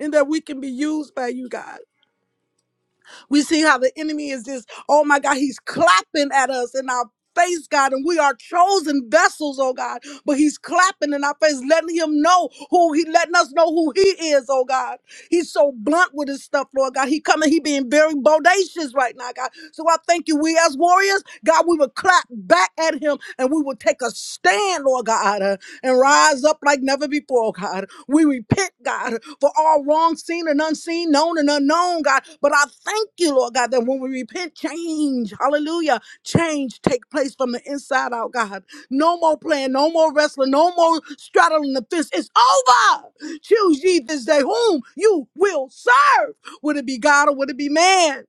D: and that we can be used by you, God. We see how the enemy is just, oh my God, he's clapping at us in our face, God, and we are chosen vessels, oh God. But he's clapping in our face, letting him know who he letting us know who he is, oh God. He's so blunt with his stuff, Lord God. He coming, he being very bodacious right now, God. So I thank you. We as warriors, God, we will clap back at him and we will take a stand, Lord God, uh, and rise up like never before, God. We repent, God, for all wrong, seen and unseen, known and unknown, God. But I thank you, Lord God, that when we repent, change, hallelujah, change take place from the inside out, God. No more playing, no more wrestling, no more straddling the fence. It's over. Choose ye this day whom you will serve. Would it be God or would it be man?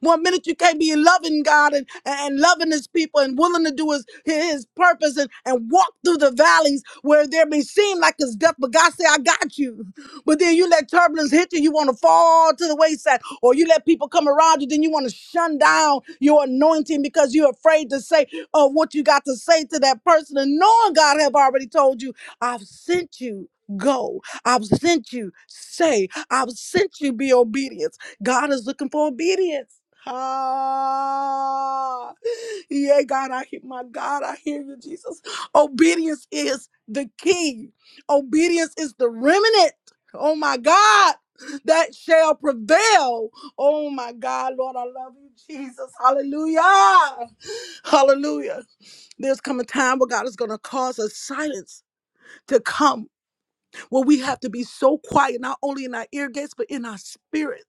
D: One minute you can't be loving God and, and loving his people and willing to do his, his purpose and, and walk through the valleys where there may seem like it's death, but God say, I got you. But then you let turbulence hit you, you want to fall to the wayside, or you let people come around you, then you want to shun down your anointing because you're afraid to say of what you got to say to that person. And knowing God have already told you, I've sent you. Go. I've sent you. Say, I've sent you. Be obedient. God is looking for obedience. Ah, yeah, God, I hear my God, I hear you, Jesus. Obedience is the key. Obedience is the remnant. Oh my God, that shall prevail. Oh my God, Lord, I love you, Jesus. Hallelujah. Hallelujah. There's come a time where God is going to cause a silence to come where we have to be so quiet, not only in our ear gates, but in our spirit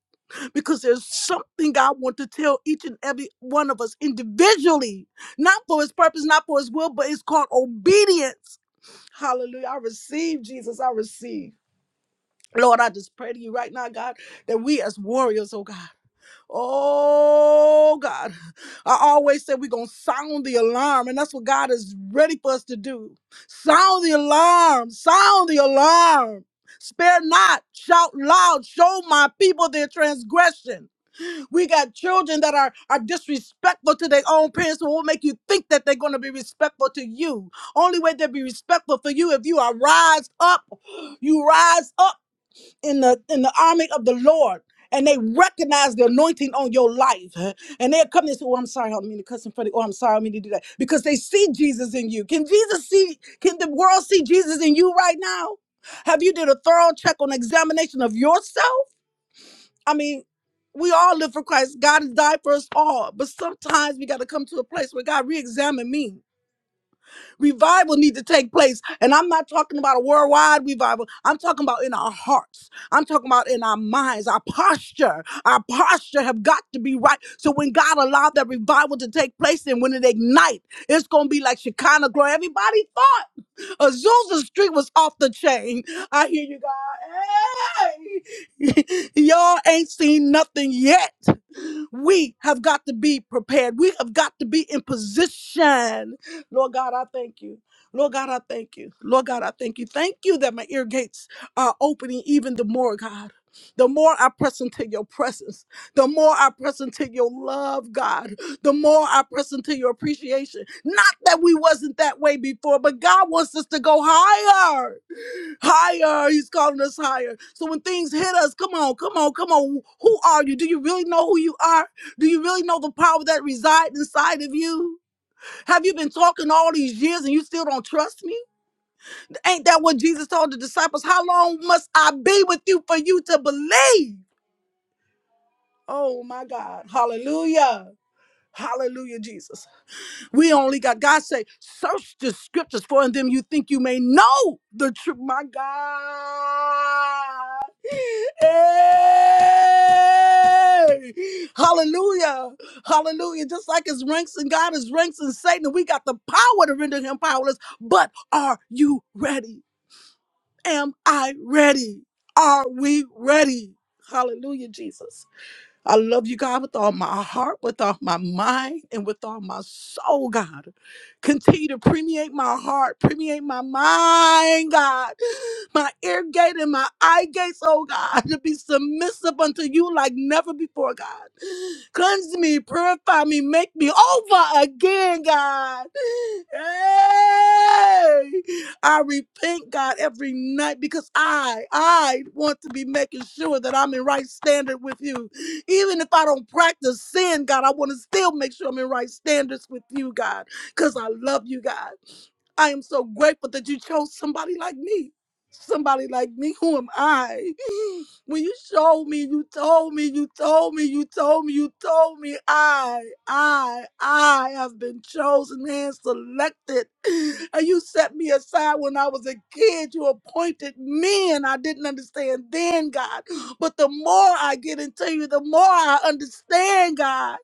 D: because there's something God wants to tell each and every one of us individually, not for his purpose, not for his will, but it's called obedience. Hallelujah. I receive, Jesus. I receive. Lord, I just pray to you right now, God, that we as warriors, oh God, oh God, I always say we're going to sound the alarm, and that's what God is ready for us to do. Sound the alarm, sound the alarm. Spare not, shout loud, show my people their transgression. We got children that are, are disrespectful to their own parents. What will make you think that they're going to be respectful to you? Only way they'll be respectful for you if you are rise up. You rise up in the in the army of the Lord. And they recognize the anointing on your life. And they'll come and say, Oh, I'm sorry, I don't mean to cuss in front of you. Oh, I'm sorry, I don't mean to do that. Because they see Jesus in you. Can Jesus see, can the world see Jesus in you right now? Have you did a thorough check on examination of yourself? I mean, we all live for Christ. God has died for us all. But sometimes we got to come to a place where God re-examine me. Revival need to take place. And I'm not talking about a worldwide revival. I'm talking about in our hearts. I'm talking about in our minds, our posture. Our posture have got to be right. So when God allowed that revival to take place and when it ignite, it's going to be like Shekinah glory. Everybody thought. Azusa Street was off the chain. I hear you, God. Hey! Y'all ain't seen nothing yet. We have got to be prepared. We have got to be in position. Lord God, I thank you. Lord God, I thank you. Lord God, I thank you. Thank you that my ear gates are opening even the more, God. The more I press into your presence, the more I press into your love, God, the more I press into your appreciation. Not that we wasn't that way before, but God wants us to go higher. Higher, he's calling us higher. So when things hit us, come on, come on, come on. Who are you? Do you really know who you are? Do you really know the power that resides inside of you? Have you been talking all these years and you still don't trust me? Ain't that what Jesus told the disciples? How long must I be with you for you to believe? Oh my God. Hallelujah. Hallelujah, Jesus. We only got God say, search the scriptures for in them you think you may know the truth. My God. Hey! Hallelujah. Hallelujah. Just like his ranks in God, his ranks in Satan, and we got the power to render him powerless. But are you ready? Am I ready? Are we ready? Hallelujah, Jesus. I love you, God, with all my heart, with all my mind, and with all my soul, God. Continue to permeate my heart, permeate my mind, God my ear gate and my eye gates, oh God, to be submissive unto you like never before, God. Cleanse me, purify me, make me over again, God. Hey! I repent, God, every night because I, I want to be making sure that I'm in right standard with you. Even if I don't practice sin, God, I want to still make sure I'm in right standards with you, God, because I love you, God. I am so grateful that you chose somebody like me. Somebody like me. Who am I? When you showed me, you told me, you told me, you told me, you told me, I, I, I have been chosen and selected. And you set me aside when I was a kid. You appointed me, and I didn't understand then, God. But the more I get into you, the more I understand, God.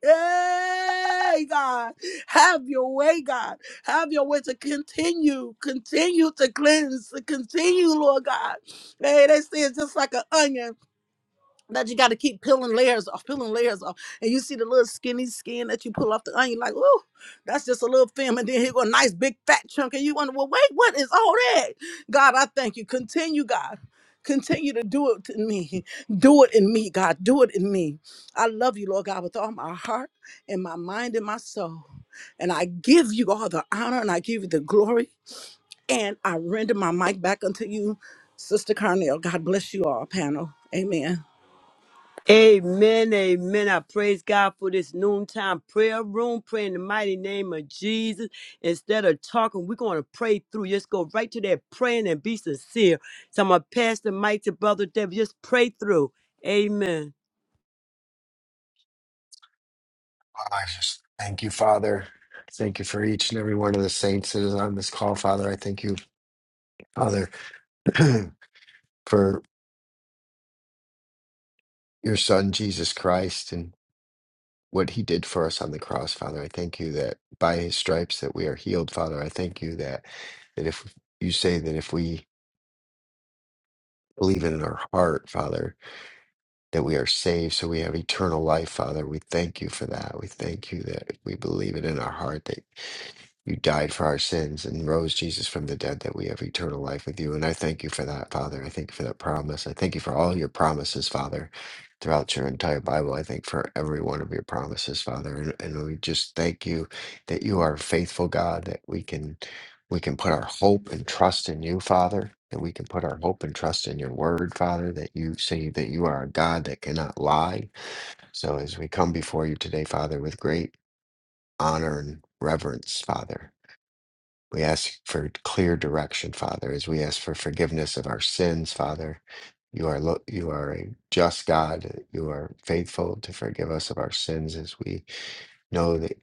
D: Hey, God, have your way, God. Have your way to continue, continue to cleanse, to continue, Lord God Hey, they see it's just like an onion that you got to keep peeling layers off, peeling layers off. And you see the little skinny skin that you pull off the onion, like, ooh, that's just a little film. And then here go a nice big fat chunk. And you wonder, well, wait, what is all that? God, I thank you. Continue, God. Continue to do it in me. Do it in me, God. Do it in me. I love you, Lord God, with all my heart and my mind and my soul. And I give you all the honor and I give you the glory and I render my mic back unto you, Sister Carnell. God bless you all, panel. Amen.
A: Amen, amen. I praise God for this noontime prayer room. Pray in the mighty name of Jesus. Instead of talking, we're going to pray through. Just go right to that praying and be sincere. So I'm going to pass the mic to Brother David. Just pray through. Amen.
E: I just thank you, Father. Thank you for each and every one of the saints that is on this call, Father. I thank you, Father, for your Son, Jesus Christ, and what he did for us on the cross, Father. I thank you that by his stripes that we are healed, Father. I thank you that that if you say that if we believe it in our heart, Father, that we are saved, so we have eternal life, Father. We thank you for that. We thank you that we believe it in our heart that you died for our sins and rose Jesus from the dead, that we have eternal life with you. And I thank you for that, Father. I thank you for that promise. I thank you for all your promises, Father, throughout your entire Bible. I thank for every one of your promises, Father. And, and we just thank you that you are a faithful God, that we can. We can put our hope and trust in you, Father, and we can put our hope and trust in your word, Father, that you say that you are a God that cannot lie. So as we come before you today, Father, with great honor and reverence, Father, we ask for clear direction, Father, as we ask for forgiveness of our sins, Father. You are lo- you are a just God. You are faithful to forgive us of our sins as we know that.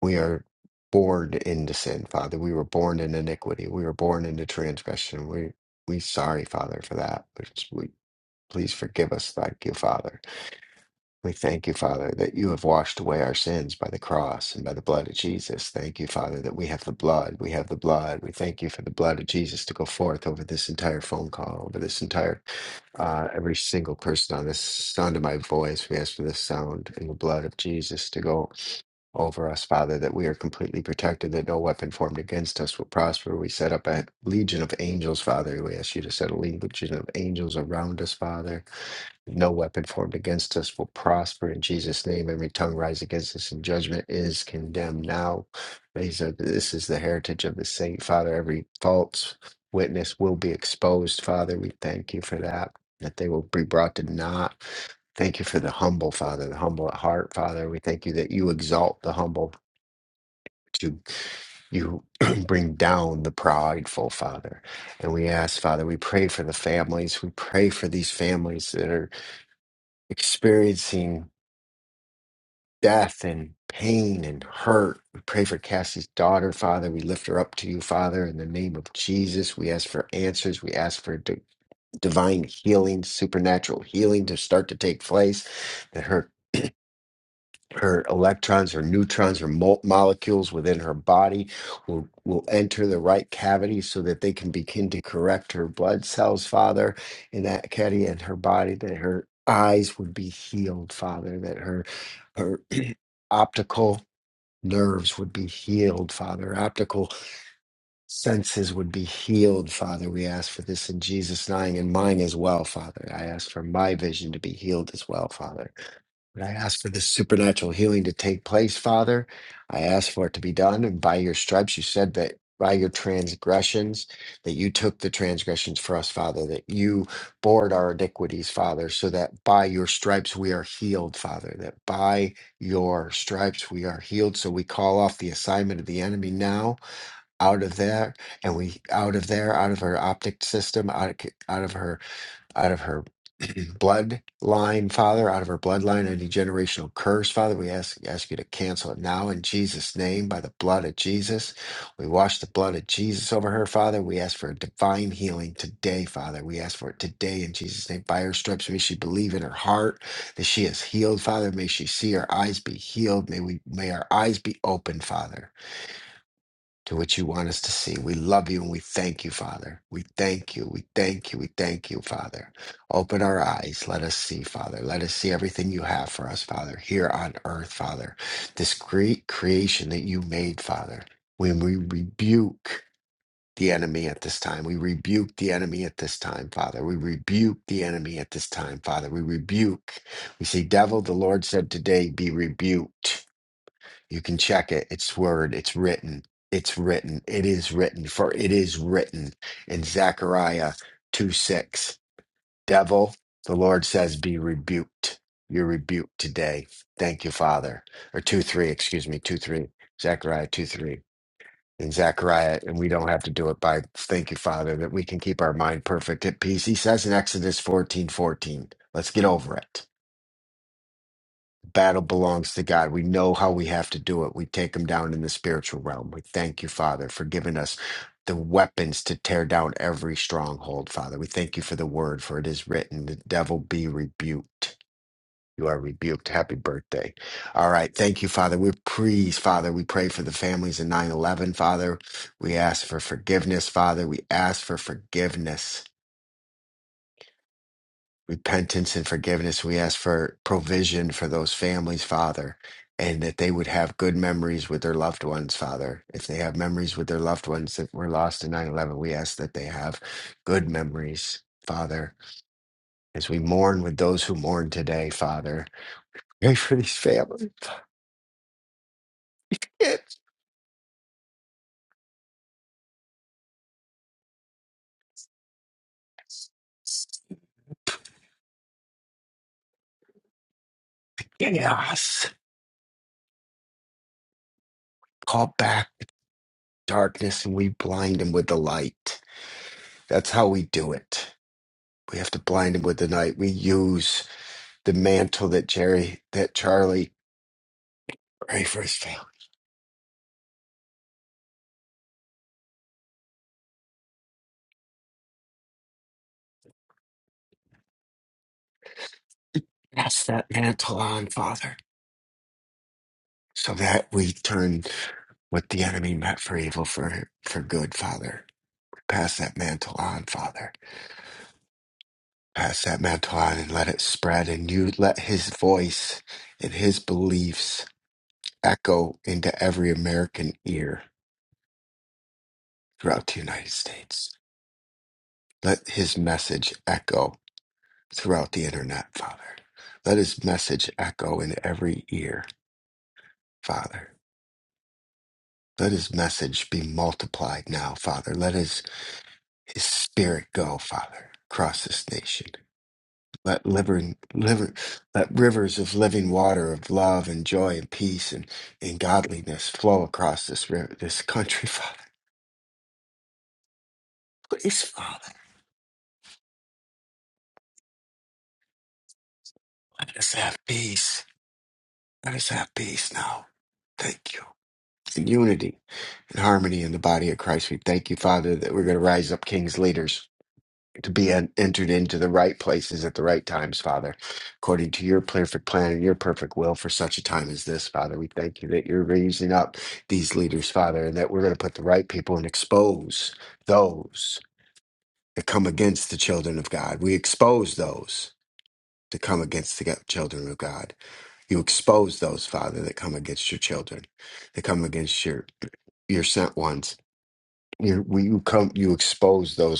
E: We are born into sin, Father. We were born in iniquity. We were born into transgression. We we sorry, Father, for that. Which we please forgive us, thank you, Father. We thank you, Father, that you have washed away our sins by the cross and by the blood of Jesus. Thank you, Father, that we have the blood. We have the blood. We thank you for the blood of Jesus to go forth over this entire phone call, over this entire uh, every single person on this sound of my voice. We ask for the sound and the blood of Jesus to go over us, Father, that we are completely protected, that no weapon formed against us will prosper. We set up a legion of angels, Father. We ask you to set a legion of angels around us, Father no weapon formed against us will prosper in Jesus' name. Every tongue rise against us in judgment is condemned now. These are, this is the heritage of the saint. Father, every false witness will be exposed. Father, we thank you for that, that they will be brought to naught. Thank you for the humble, Father, the humble at heart, Father. We thank you that you exalt the humble. but You, you bring down the prideful, Father. And we ask, Father, we pray for the families. We pray for these families that are experiencing death and pain and hurt. We pray for Cassie's daughter, Father. We lift her up to you, Father, in the name of Jesus. We ask for answers. We ask for di- divine healing, supernatural healing to start to take place, that her her electrons, her neutrons, her mo- molecules within her body will, will enter the right cavity so that they can begin to correct her blood cells, Father, in that cavity and her body, that her eyes would be healed, Father, that her her optical nerves would be healed, Father. Optical, senses would be healed, Father. We ask for this in Jesus' name and mine as well, Father. I ask for my vision to be healed as well, Father. And I ask for this supernatural healing to take place, Father. I ask for it to be done. And by your stripes, you said that by your transgressions, that you took the transgressions for us, Father, that you bore our iniquities, Father, so that by your stripes we are healed, Father, that by your stripes we are healed. So we call off the assignment of the enemy now out of there and we out of there out of her optic system out of, out of her out of her bloodline father out of her bloodline any generational curse father we ask ask you to cancel it now in jesus name by the blood of jesus we wash the blood of jesus over her father we ask for a divine healing today father we ask for it today in jesus name by her stripes may she believe in her heart that she is healed father may she see her eyes be healed may we may our eyes be open father to what you want us to see. We love you and we thank you, Father. We thank you. We thank you. We thank you, Father. Open our eyes. Let us see, Father. Let us see everything you have for us, Father, here on earth, Father. This great creation that you made, Father. When we rebuke the enemy at this time, we rebuke the enemy at this time, Father. We rebuke the enemy at this time, Father. We rebuke. We say, Devil, the Lord said today, be rebuked you can check it. It's word. It's written. It's written. It is written. For it is written in Zechariah 2 6. Devil, the Lord says, be rebuked. You're rebuked today. Thank you, Father. Or 2 3, excuse me, 2 3. Zechariah 2 3. In Zechariah, and we don't have to do it by thank you, Father, that we can keep our mind perfect at peace. He says in Exodus fourteen 14 let us get over it battle belongs to God. We know how we have to do it. We take them down in the spiritual realm. We thank you, Father, for giving us the weapons to tear down every stronghold, Father. We thank you for the word, for it is written, the devil be rebuked. You are rebuked. Happy birthday. All right. Thank you, Father. We praise, Father. We pray for the families in 9 11, Father. We ask for forgiveness, Father. We ask for forgiveness repentance and forgiveness. We ask for provision for those families, Father, and that they would have good memories with their loved ones, Father. If they have memories with their loved ones that were lost in 9 11, we ask that they have good memories, Father, as we mourn with those who mourn today, Father. Pray for these families. It's chaos. Call back the darkness and we blind them with the light. That's how we do it. We have to blind them with the light. We use the mantle that Jerry, that Charlie, very first found. Pass that mantle on, Father, so that we turn what the enemy meant for evil for for good, Father. Pass that mantle on, Father. Pass that mantle on and let it spread, and you let His voice and His beliefs echo into every American ear throughout the United States. Let His message echo throughout the internet, Father. Let His message echo in every ear, Father. Let his message be multiplied now, Father. Let his, his spirit go, Father, across this nation. Let, liver, liver, let rivers of living water of love and joy and peace and, and godliness flow across this river, this country, Father. Please, Father, let us have peace. Let us have peace now. Thank you. In unity and harmony in the body of Christ, we thank you, Father, that we're going to rise up king's leaders to be en- entered into the right places at the right times, Father, according to your perfect plan and your perfect will for such a time as this, Father. We thank you that you're raising up these leaders, Father, and that we're going to put the right people and expose those that come against the children of God. We expose those that come against the go- children of God. You expose those, Father, that come against your children, that come against your your sent ones. You, we, you come, you expose those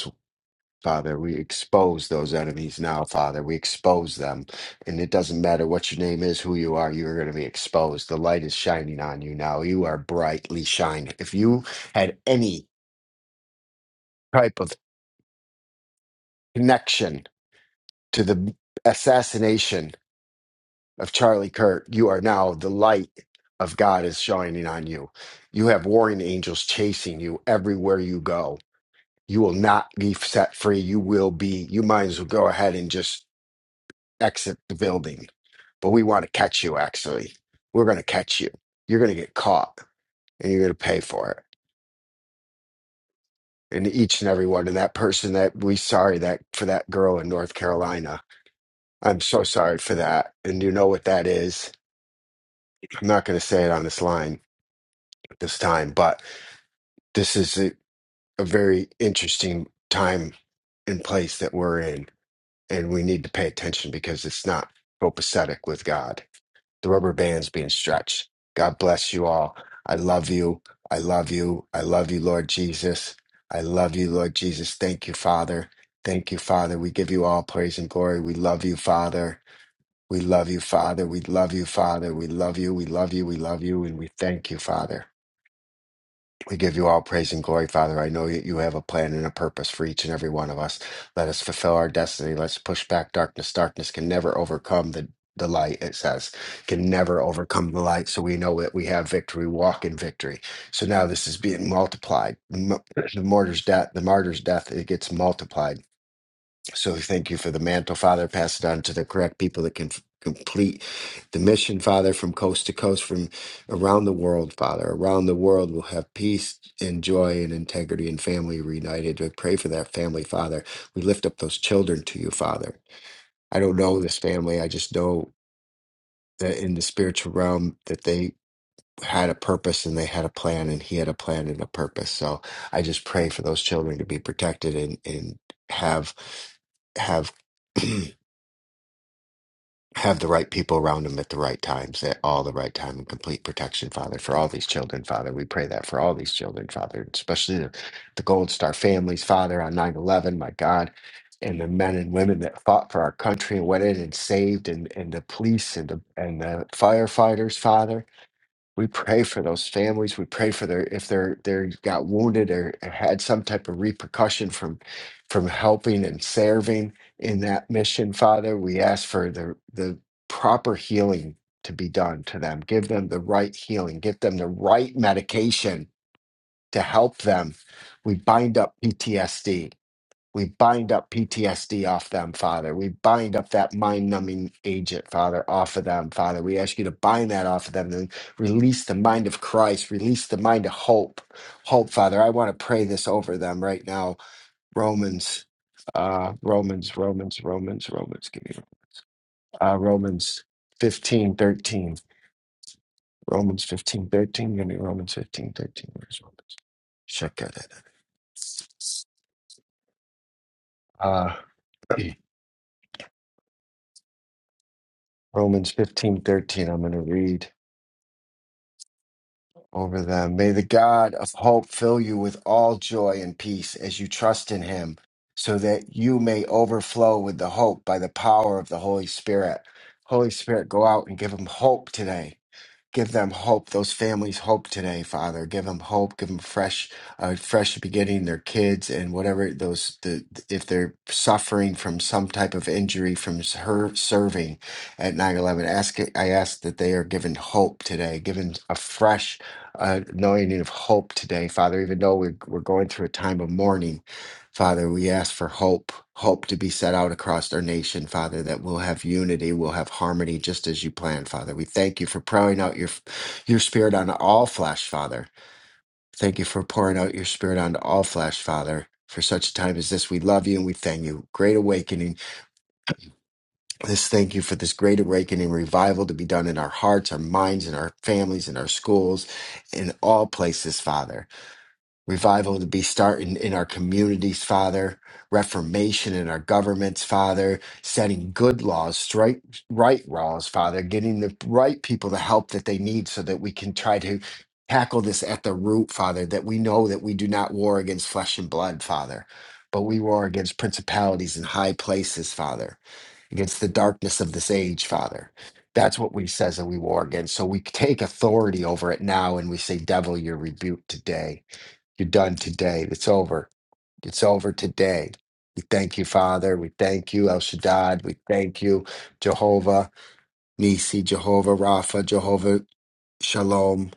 E: Father, we expose those enemies now, Father. We expose them. And it doesn't matter what your name is, who you are, you're going to be exposed. The light is shining on you now. You are brightly shining. If you had any type of connection to the assassination of Charlie Kirk, you are now the light of God is shining on you. You have warring angels chasing you everywhere you go. You will not be set free. You will be, you might as well go ahead and just exit the building, but we want to catch you, actually. We're going to catch you. You're going to get caught and you're going to pay for it. And each and every one. And that person that we sorry that for that girl in North Carolina. I'm so sorry for that. And you know what that is. I'm not going to say it on this line this time, but this is a, a very interesting time and place that we're in. And we need to pay attention because it's not copacetic with God the rubber band's being stretched. God bless you all. I love you. I love you. I love you, Lord Jesus. I love you, Lord Jesus. Thank you, Father. Thank you, Father. We give you all praise and glory. We love you, Father. We love you, Father. We love you, Father. We love you. We love you. We love you. And we thank you, Father. We give you all praise and glory, Father. I know that you have a plan and a purpose for each and every one of us. Let us fulfill our destiny. Let's push back darkness. Darkness can never overcome the, the light, it says, can never overcome the light. So we know that we have victory, We walk in victory. So now this is being multiplied. Mu- The martyr's death, the martyr's death, it gets multiplied so thank you for the mantle, Father. Pass it on to the correct people that can f- complete the mission, Father, from coast to coast, from around the world, Father. Around the world, we'll have peace and joy and integrity and family reunited. I pray for that family, Father. We lift up those children to you, Father. I don't know this family. I just know that in the spiritual realm that they had a purpose and they had a plan and he had a plan and a purpose. So I just pray for those children to be protected and, and have have have the right people around them at the right times, at all the right time, and complete protection, Father, for all these children, Father. We pray that for all these children, Father, especially the, the Gold Star families, Father, on 9 11, my God, and the men and women that fought for our country and went in and saved, and, and the police and the, and the firefighters, Father we pray for those families. We pray for their if they're they got wounded or had some type of repercussion from from helping and serving in that mission, Father. We ask for the the proper healing to be done to them. Give them the right healing. Give them the right medication to help them. We bind up PTSD we bind up PTSD off them, Father. We bind up that mind numbing agent, Father, off of them, Father. We ask you to bind that off of them and release the mind of Christ, release the mind of hope. Hope, Father. I want to pray this over them right now. Romans, uh, Romans, Romans, Romans, Romans, give me uh, Romans fifteen thirteen. Romans 15 13. Give me Romans 15 13. Where's Romans? Check that. out. Uh, Romans fifteen thirteen. I'm going to read. over them. May the God of hope fill you with all joy and peace as you trust in him, so that you may overflow with the hope by the power of the Holy Spirit. Holy Spirit, go out and give them hope today. Give them hope, those families hope today, Father. Give them hope, give them fresh, uh, fresh beginning, their kids and whatever those, the, if they're suffering from some type of injury from s- her serving at 9 11, ask, it- I ask that they are given hope today, given a fresh uh, anointing of hope today, Father, even though we're, we're going through a time of mourning. Father, we ask for hope, hope to be set out across our nation, Father, that we'll have unity, we'll have harmony just as you planned, Father. We thank you for pouring out your your spirit on all flesh, Father. Thank you for pouring out your spirit on all flesh, Father. For such a time as this, we love you and we thank you. Great awakening. This thank you for this great awakening revival to be done in our hearts, our minds, and our families, and our schools, in all places, Father revival to be starting in our communities, Father, reformation in our governments, Father, setting good laws, straight, right laws, Father, getting the right people the help that they need so that we can try to tackle this at the root, Father, that we know that we do not war against flesh and blood, Father. But we war against principalities in high places, Father, against the darkness of this age, Father. That's what we says that we war against. So we take authority over it now and we say, Devil, you're rebuked today you're done today. It's over. It's over today. We thank you, Father. We thank you, El Shaddad. We thank you, Jehovah Nisi, Jehovah Rapha, Jehovah Shalom.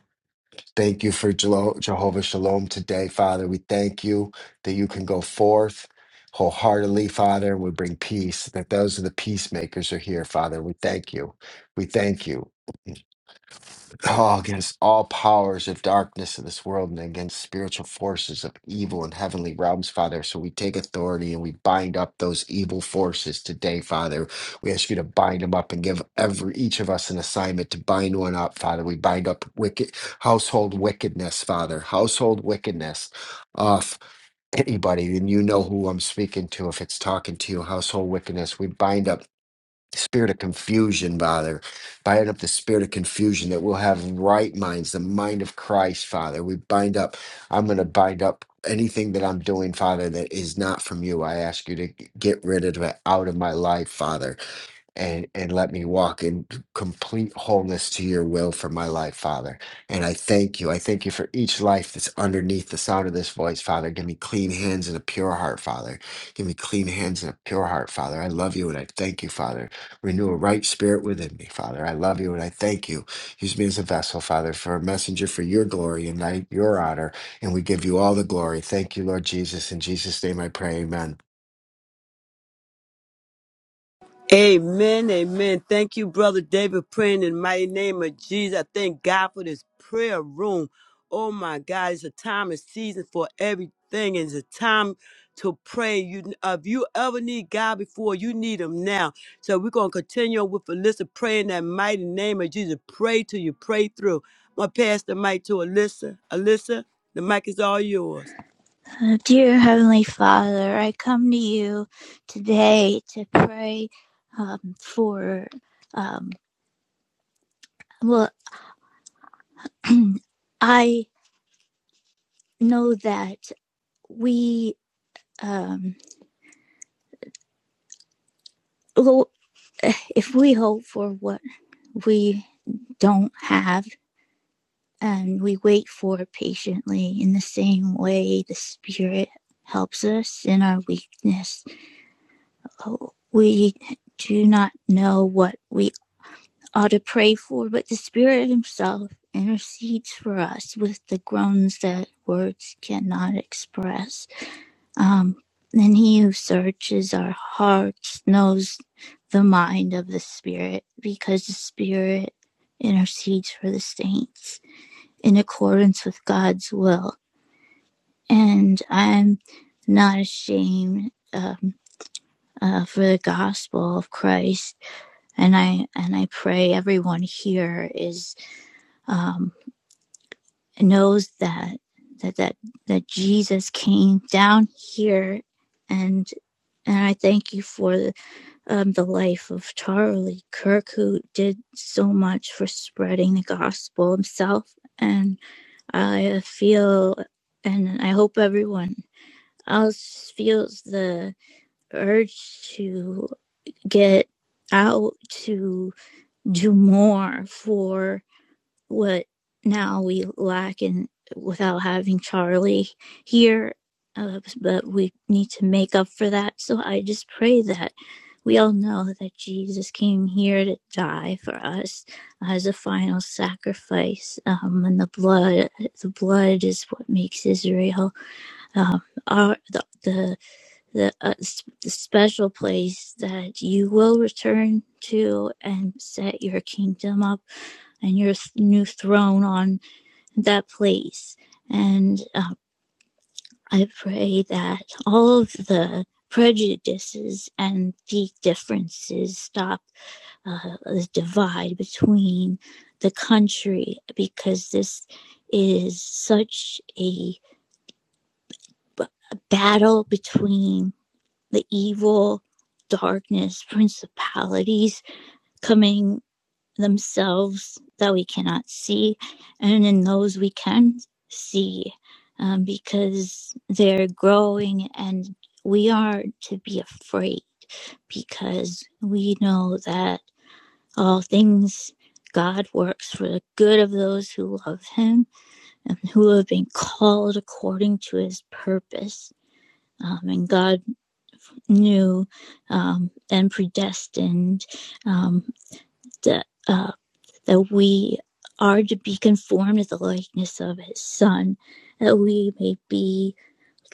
E: Thank you for Jelo- Jehovah Shalom today, Father. We thank you that you can go forth wholeheartedly, Father, and we bring peace, that those are the peacemakers are here, Father. We thank you. We thank you. Oh, against all powers of darkness in this world and against spiritual forces of evil in heavenly realms, Father. So we take authority and we bind up those evil forces today, Father. We ask you to bind them up and give every each of us an assignment to bind one up, Father. We bind up wicked household wickedness, Father. Household wickedness of anybody, and you know who I'm speaking to if it's talking to you. Household wickedness. We bind up spirit of confusion, Father. Bind up the spirit of confusion that we'll have right minds, the mind of Christ, Father. We bind up, I'm going to bind up anything that I'm doing, Father, that is not from you. I ask you to get rid of it out of my life, Father and and let me walk in complete wholeness to your will for my life father and i thank you i thank you for each life that's underneath the sound of this voice father give me clean hands and a pure heart father give me clean hands and a pure heart father i love you and i thank you father renew a right spirit within me father i love you and i thank you use me as a vessel father for a messenger for your glory and thy- your honor and we give you all the glory thank you lord jesus in jesus name i pray amen
A: Amen, amen. Thank you, Brother David, praying in the mighty name of Jesus. I thank God for this prayer room. Oh my God, it's a time and season for everything. It's a time to pray. You, if you ever need God before, you need Him now. So we're gonna continue with Alyssa praying that mighty name of Jesus. Pray till you pray through. I'm gonna pass the mic to Alyssa. Alyssa, the mic is all yours.
F: Uh, Dear Heavenly Father, I come to you today to pray um, for. Um, well, I know that we, um, if we hope for what we don't have and we wait for it patiently, in the same way the Spirit helps us in our weakness, Oh, we do not know what we are to pray for, but the Spirit Himself intercedes for us with the groans that words cannot express. Um, and He who searches our hearts knows the mind of the Spirit, because the Spirit intercedes for the saints in accordance with God's will. And I'm not ashamed. Um, uh, for the gospel of Christ, and I and I pray everyone here is um, knows that that that that Jesus came down here, and and I thank you for the, um, the life of Charlie Kirk, who did so much for spreading the gospel himself, and I feel, and I hope everyone else feels the urge to get out to do more for what now we lack in without having Charlie here. Uh, but we need to make up for that. So I just pray that we all know that Jesus came here to die for us as a final sacrifice, um, and the blood, the blood is what makes Israel um, our the the the, uh, the special place that you will return to and set your kingdom up and your new throne on that place. And uh, I pray that all of the prejudices and the differences stop uh, the divide between the country because this is such a, b- a battle between the evil darkness principalities coming themselves that we cannot see, and in those we can see um, because they're growing, and we are to be afraid because we know that all things God works for the good of those who love Him and who have been called according to His purpose. Um, and God knew um, and predestined um, the uh, that we are to be conformed to the likeness of his son, that we may be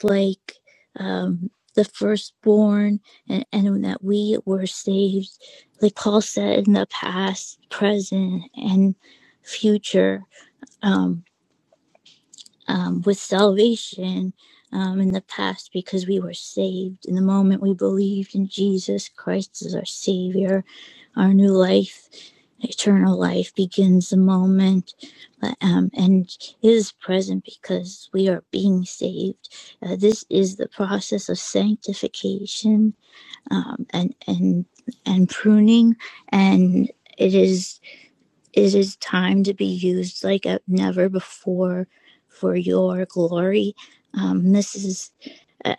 F: like um, the firstborn, and, and that we were saved, like Paul said, in the past, present, and future, um, um, with salvation um, in the past because we were saved in the moment we believed in Jesus Christ as our Savior our new life, eternal life, begins the moment but, um, and is present because we are being saved. Uh, this is the process of sanctification um, and and and pruning, and it is. It is time to be used like never before for your glory. Um, this is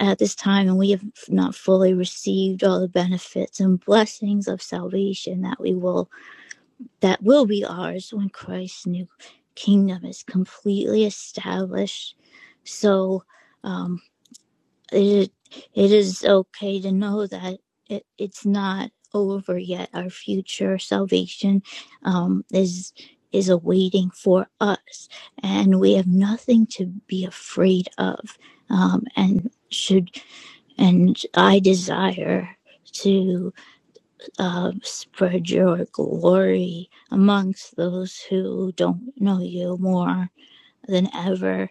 F: at this time, and we have not fully received all the benefits and blessings of salvation that we will that will be ours when Christ's new kingdom is completely established. So. Um, it, it is okay to know that it, it's not over yet. Our future salvation um, is is awaiting for us, and we have nothing to be afraid of. Um, and should and I desire to uh, spread your glory amongst those who don't know you more than ever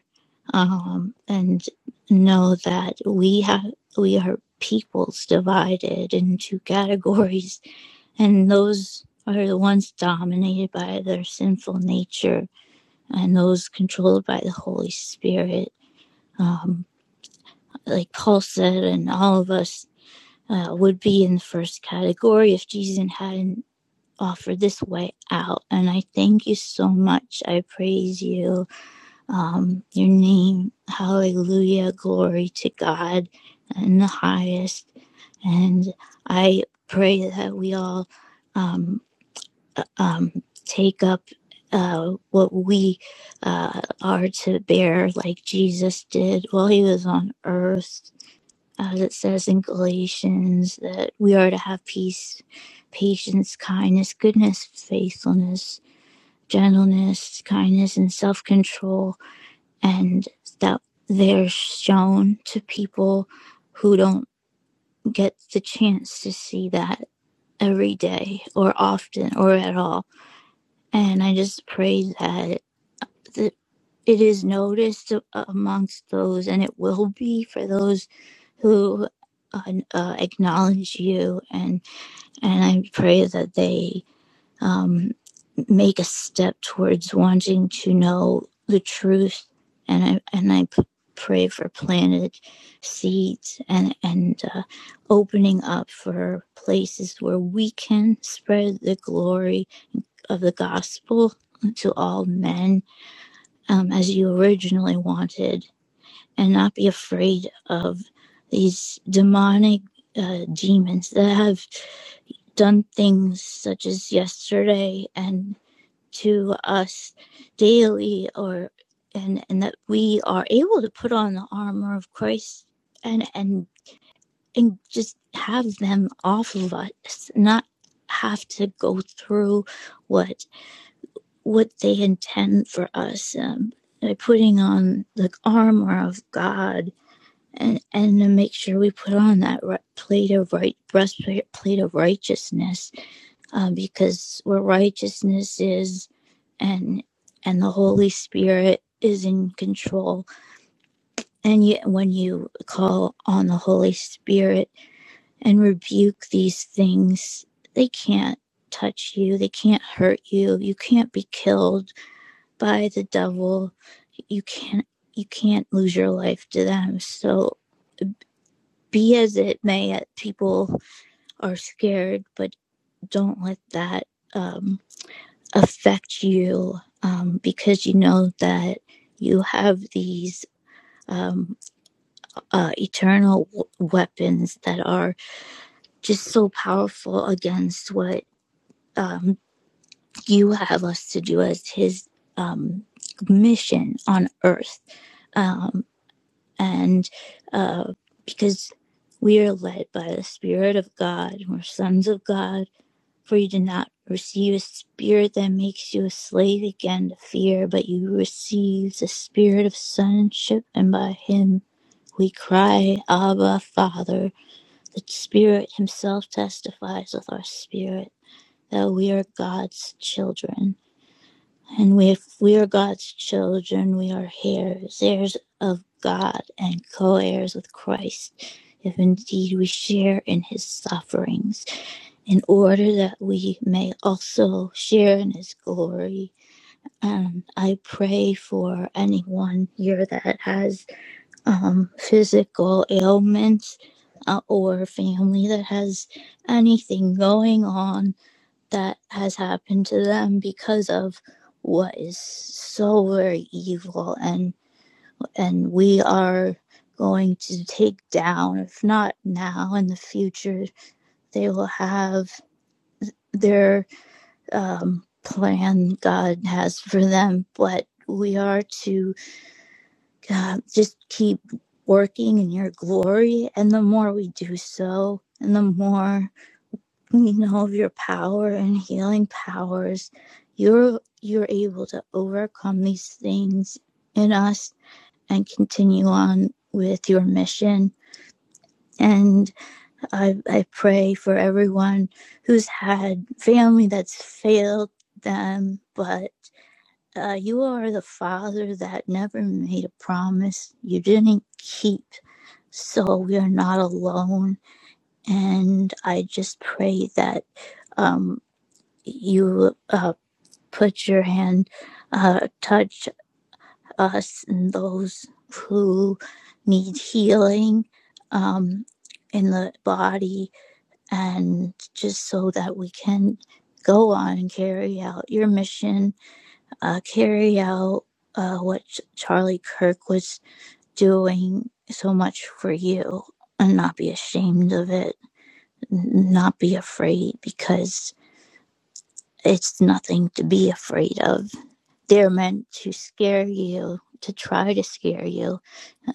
F: um, and know that we have we are peoples divided into categories and those are the ones dominated by their sinful nature and those controlled by the holy spirit um, like paul said and all of us uh, would be in the first category if jesus hadn't offered this way out and i thank you so much i praise you um, your name. Hallelujah. Glory to God in the highest. And I pray that we all um, uh, um, take up uh, what we uh, are to bear, like Jesus did while he was on earth. As it says in Galatians, that we are to have peace, patience, kindness, goodness, faithfulness, gentleness, kindness, and self control and that they're shown to people who don't get the chance to see that every day or often or at all. And I just pray that it is noticed amongst those, and it will be for those who uh, uh, acknowledge you. And and I pray that they um, make a step towards wanting to know the truth and I, and I pray for planted seeds and and uh, opening up for places where we can spread the glory of the gospel to all men um, as you originally wanted and not be afraid of these demonic uh, demons that have done things such as yesterday and to us daily or and and that we are able to put on the armor of Christ and and and just have them off of us not have to go through what what they intend for us um, by putting on the armor of God and and to make sure we put on that right plate of right breastplate plate of righteousness um, because where righteousness is and and the holy spirit is in control and yet when you call on the holy spirit and rebuke these things they can't touch you they can't hurt you you can't be killed by the devil you can't you can't lose your life to them so be as it may people are scared but don't let that um, affect you um, because you know that you have these um, uh, eternal w- weapons that are just so powerful against what um, you have us to do as his um, mission on earth. Um, and uh, because we are led by the Spirit of God, we're sons of God For you did not receive a spirit that makes you a slave again to fear, but you received the spirit of sonship, and by him we cry, Abba, Father. The Spirit himself testifies with our spirit that we are God's children. And if we are God's children, we are heirs, heirs of God, and co heirs with Christ, if indeed we share in his sufferings in order that we may also share in his glory. And I pray for anyone here that has um, physical ailments uh, or family that has anything going on that has happened to them because of what is so very evil and and we are going to take down if not now in the future they will have their um, plan God has for them, but we are to uh, just keep working in your glory. And the more we do so, and the more we know of your power and healing powers, you're you're able to overcome these things in us and continue on with your mission. And I, I pray for everyone who's had family that's failed them, but Uh, you are the father that never made a promise you didn't keep. So we are not alone. And I just pray that um, you uh, put your hand, uh, touch us and those who need healing um, in the body, and just so that we can go on and carry out your mission uh, carry out uh, what Charlie Kirk was doing so much for you and not be ashamed of it, not be afraid because it's nothing to be afraid of. They're meant to scare you, to try to scare you,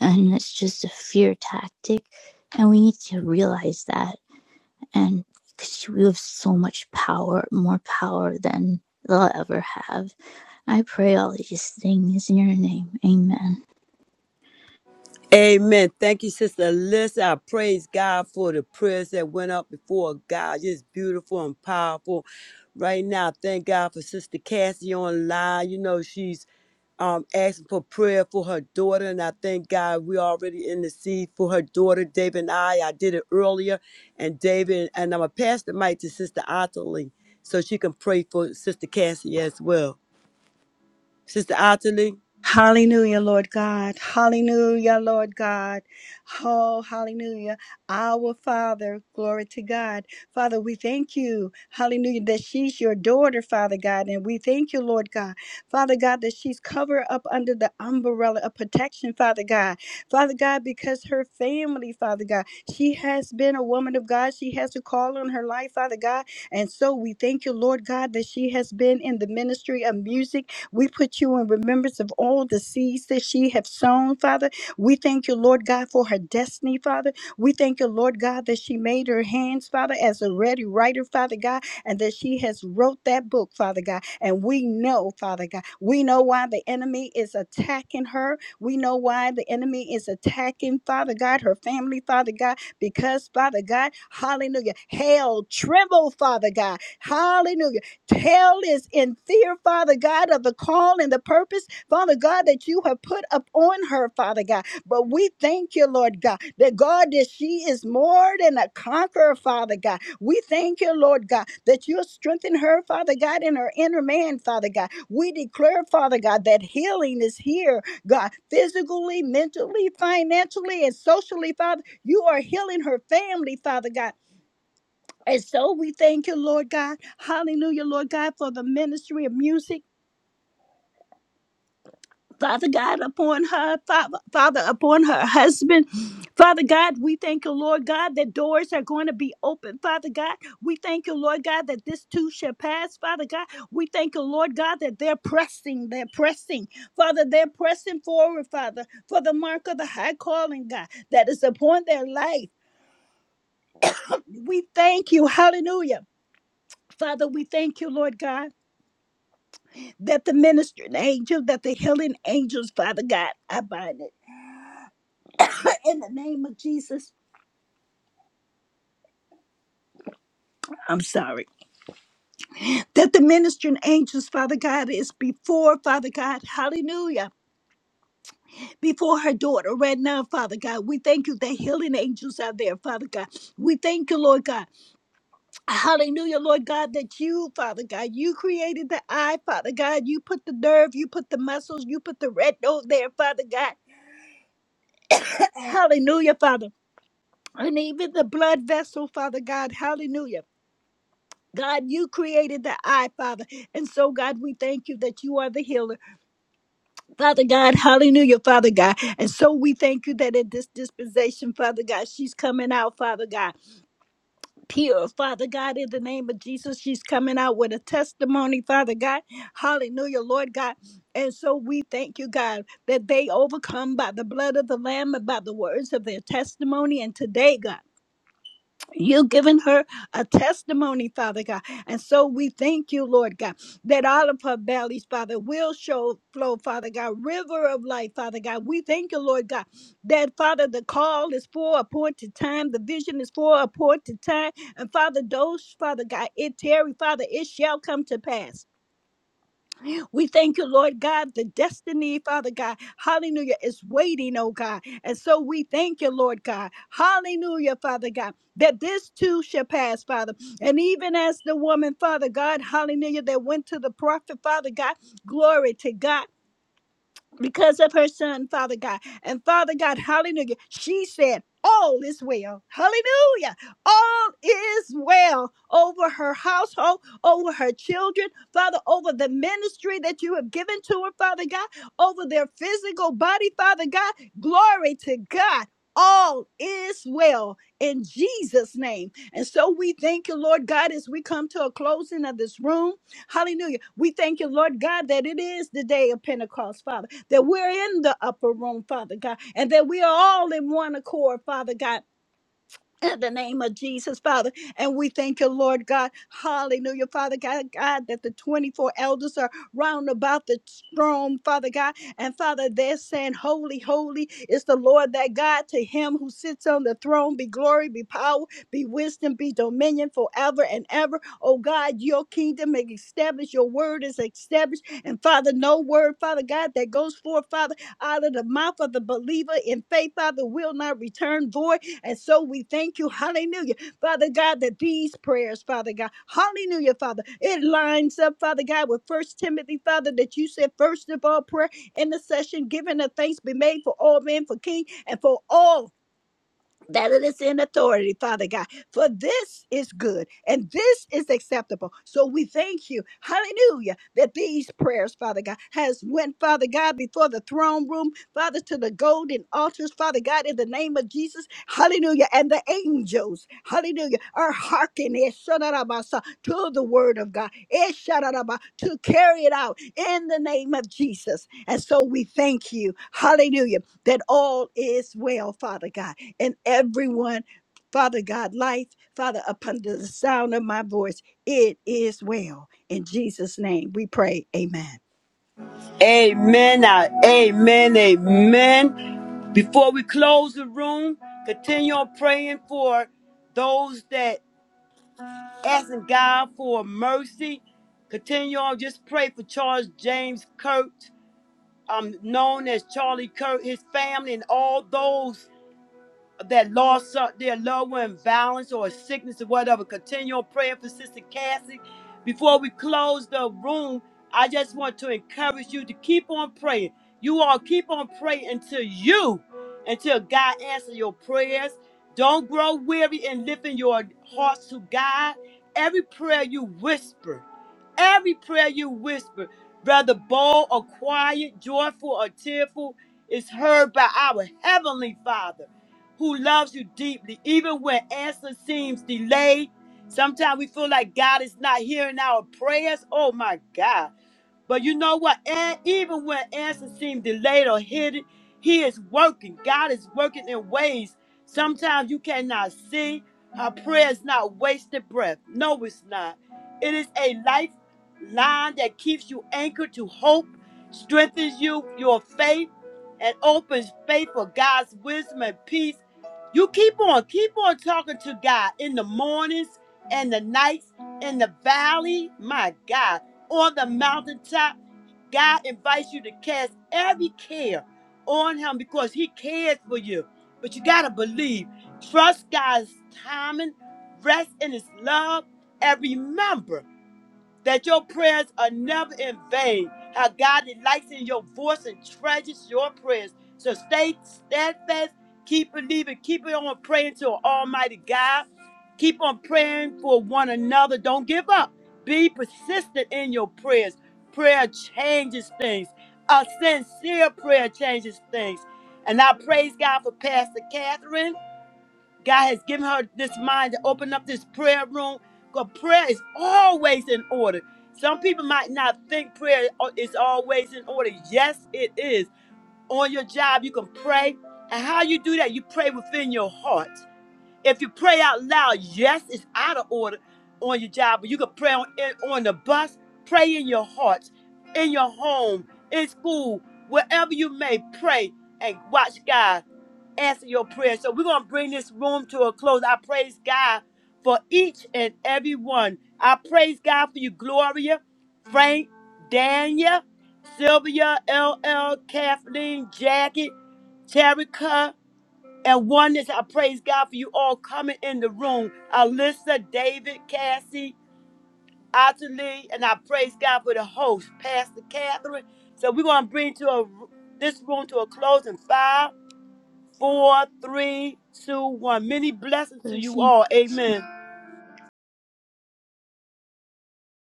F: and it's just a fear tactic. And we need to realize that. And because we have so much power, more power than they'll ever have. I pray all these things in your name. Amen.
A: Amen. Thank you, Sister Alyssa. I praise God for the prayers that went up before God. Just beautiful and powerful. Right now, thank God for Sister Cassie online. You know, she's um, asking for prayer for her daughter, and I thank God we already in the seed for her daughter, David and I. I did it earlier, and David, and I'm going to pass the mic to Sister Ottilie so she can pray for Sister Cassie as well. Sister Ottilie?
C: Hallelujah, Lord God. Hallelujah, Lord God. Oh, hallelujah. Our Father, glory to God. Father, we thank you. Hallelujah, that she's your daughter, Father God. And we thank you, Lord God. Father God, that she's covered up under the umbrella of protection, Father God. Father God, because her family, Father God, she has been a woman of God. She has a call on her life, Father God. And so we thank you, Lord God, that she has been in the ministry of music. We put you in remembrance of all the seeds that she have sown, Father. We thank you, Lord God, for her destiny, Father. We thank you, Lord God, that she made her hands, Father, as a ready writer, Father God, and that she has wrote that book, Father God. And we know, Father God, we know why the enemy is attacking her. We know why the enemy is attacking, Father God, her family, Father God, because, Father God, hallelujah, hell tremble, Father God, hallelujah. Hell is in fear, Father God, of the call and the purpose, Father God, that you have put upon her, Father God. But we thank you, Lord God, that God, that she is more than a conqueror, Father God. We thank you, Lord God, that you'll strengthen her, Father God, in her inner man, Father God. We declare, Father God, that healing is here, God, physically, mentally, financially, and socially, Father. You are healing her family, Father God. And so we thank you, Lord God. Hallelujah, Lord God, for the ministry of music. Father God, upon her, Father, Father, upon her husband. Father God, we thank you, Lord God, that doors are going to be open. Father God, we thank you, Lord God, that this too shall pass. Father God, we thank you, Lord God, that they're pressing, they're pressing. Father, they're pressing forward, Father, for the mark of the high calling, God, that is upon their life. We thank you. Hallelujah. Father, we thank you, Lord God. that the ministering angel, that the healing angels, Father God, I bind it. In the name of Jesus, I'm sorry. That the ministering angels, Father God, is before, Father God, hallelujah, before her daughter right now, Father God. We thank you that healing angels are there, Father God. We thank you, Lord God. Hallelujah, Lord God, that you, Father God, you created the eye, Father God. You put the nerve, you put the muscles, you put the red node there, Father God. Hallelujah, Father. and even the blood vessel, Father God. Hallelujah. God, you created the eye, Father. And so, God, we thank you that you are the healer. Father God, hallelujah, Father God. And so we thank you that at this dispensation, Father God, she's coming out, Father God, pure, Father God, in the name of Jesus. She's coming out with a testimony, Father God. Hallelujah, Lord God. And so we thank you, God, that they overcome by the blood of the Lamb and by the words of their testimony. And today, God, You've given her a testimony, Father God. And so we thank you, Lord God, that all of her valleys, Father, will show flow, Father God, river of life, Father God. We thank you, Lord God, that Father, the call is for appointed time, the vision is for appointed time. And Father, those, Father God, it tarry, Father, it shall come to pass. We thank you, Lord God. The destiny, Father God, hallelujah, is waiting, oh God. And so we thank you, Lord God, hallelujah, Father God, that this too shall pass, Father. And even as the woman, Father God, hallelujah, that went to the prophet, Father God, glory to God because of her son, Father God. And Father God, hallelujah, she said, All is well. Hallelujah. All is well over her household, over her children, Father, over the ministry that you have given to her, Father God, over their physical body, Father God. Glory to God. All is well in Jesus' name. And so we thank you, Lord God, as we come to a closing of this room. Hallelujah. We thank you, Lord God, that it is the day of Pentecost, Father, that we're in the upper room, Father God, and that we are all in one accord, Father God in the name of Jesus, Father. And we thank you, Lord God. Hallelujah, Father God, God, that the 24 elders are round about the throne, Father God. And Father, they're saying, Holy, holy is the Lord that God. To him who sits on the throne be glory, be power, be wisdom, be dominion forever and ever. Oh God, your kingdom is established, your word is established. And Father, no word, Father God, that goes forth, Father, out of the mouth of the believer in faith, Father, will not return void and so we thank you, hallelujah, Father God, that these prayers, Father God, hallelujah, Father, it lines up, Father God, with First Timothy, Father, that you said, first of all, prayer, intercession, giving a thanks be made for all men, for king, and for all that it is in authority, Father God. For this is good and this is acceptable. So we thank you, hallelujah, that these prayers, Father God, has went, Father God, before the throne room, Father, to the golden altars, Father God, in the name of Jesus, hallelujah. And the angels, hallelujah, are hearkening eshadarabasa, to the word of God, eshadaraba, to carry it out in the name of Jesus. And so we thank you, hallelujah, that all is well, Father God and everyone. Father God, life, Father, upon the sound of my voice, it is well. In Jesus' name we pray. Amen.
A: Amen. and Amen. Amen. Before we close the room, continue on praying for those that asking God for mercy. Continue on. Just pray for Charles James Kurt, um, known as Charlie Kurt, his family, and all those that lost their loved one in violence or sickness or whatever. Continue on praying for Sister Cassie. Before we close the room, I just want to encourage you to keep on praying. You all keep on praying until you, until God answers your prayers. Don't grow weary in lifting your hearts to God. Every prayer you whisper, every prayer you whisper, whether bold or quiet, joyful or tearful, is heard by our Heavenly Father who loves you deeply, even when answer seems delayed. Sometimes we feel like God is not hearing our prayers. Oh my God. But you know what? And even when answers seem delayed or hidden, He is working. God is working in ways sometimes you cannot see. Her prayer is not wasted breath. No, it's not. It is a lifeline that keeps you anchored to hope, strengthens you, your faith, and opens faith for God's wisdom and peace. You keep on, keep on talking to God in the mornings and the nights in the valley. My God on the mountaintop. God invites you to cast every care on Him because He cares for you. But you got to believe, trust God's timing, rest in His love, and remember that your prayers are never in vain. How God delights in your voice and treasures your prayers. So stay steadfast, keep believing, keep on praying to Almighty God. Keep on praying for one another. Don't give up. Be persistent in your prayers. Prayer changes things. A sincere prayer changes things. And I praise God for Pastor Catherine. God has given her this mind to open up this prayer room. Because prayer is always in order. Some people might not think prayer uh, is always in order. Yes, it is. On your job, you can pray. And how you do that, you pray within your heart. If you pray out loud, yes, it's out of order on your job, but you can pray on, in, on the bus, pray in your heart, in your home, in school, wherever you may pray and watch God answer your prayer. So we're going to bring this room to a close. I praise God for each and every one. I praise God for you, Gloria, Frank, Daniel, Sylvia, LL, Kathleen, Jackie, Terica, and Oneness. I praise God for you all coming in the room. Alyssa, David, Cassie, Otterly, and I praise God for the host, Pastor Catherine. So we're going to bring to a, this room to a close in five four, three, two, one. Many blessings to
F: The
A: you
F: things.
A: all. Amen.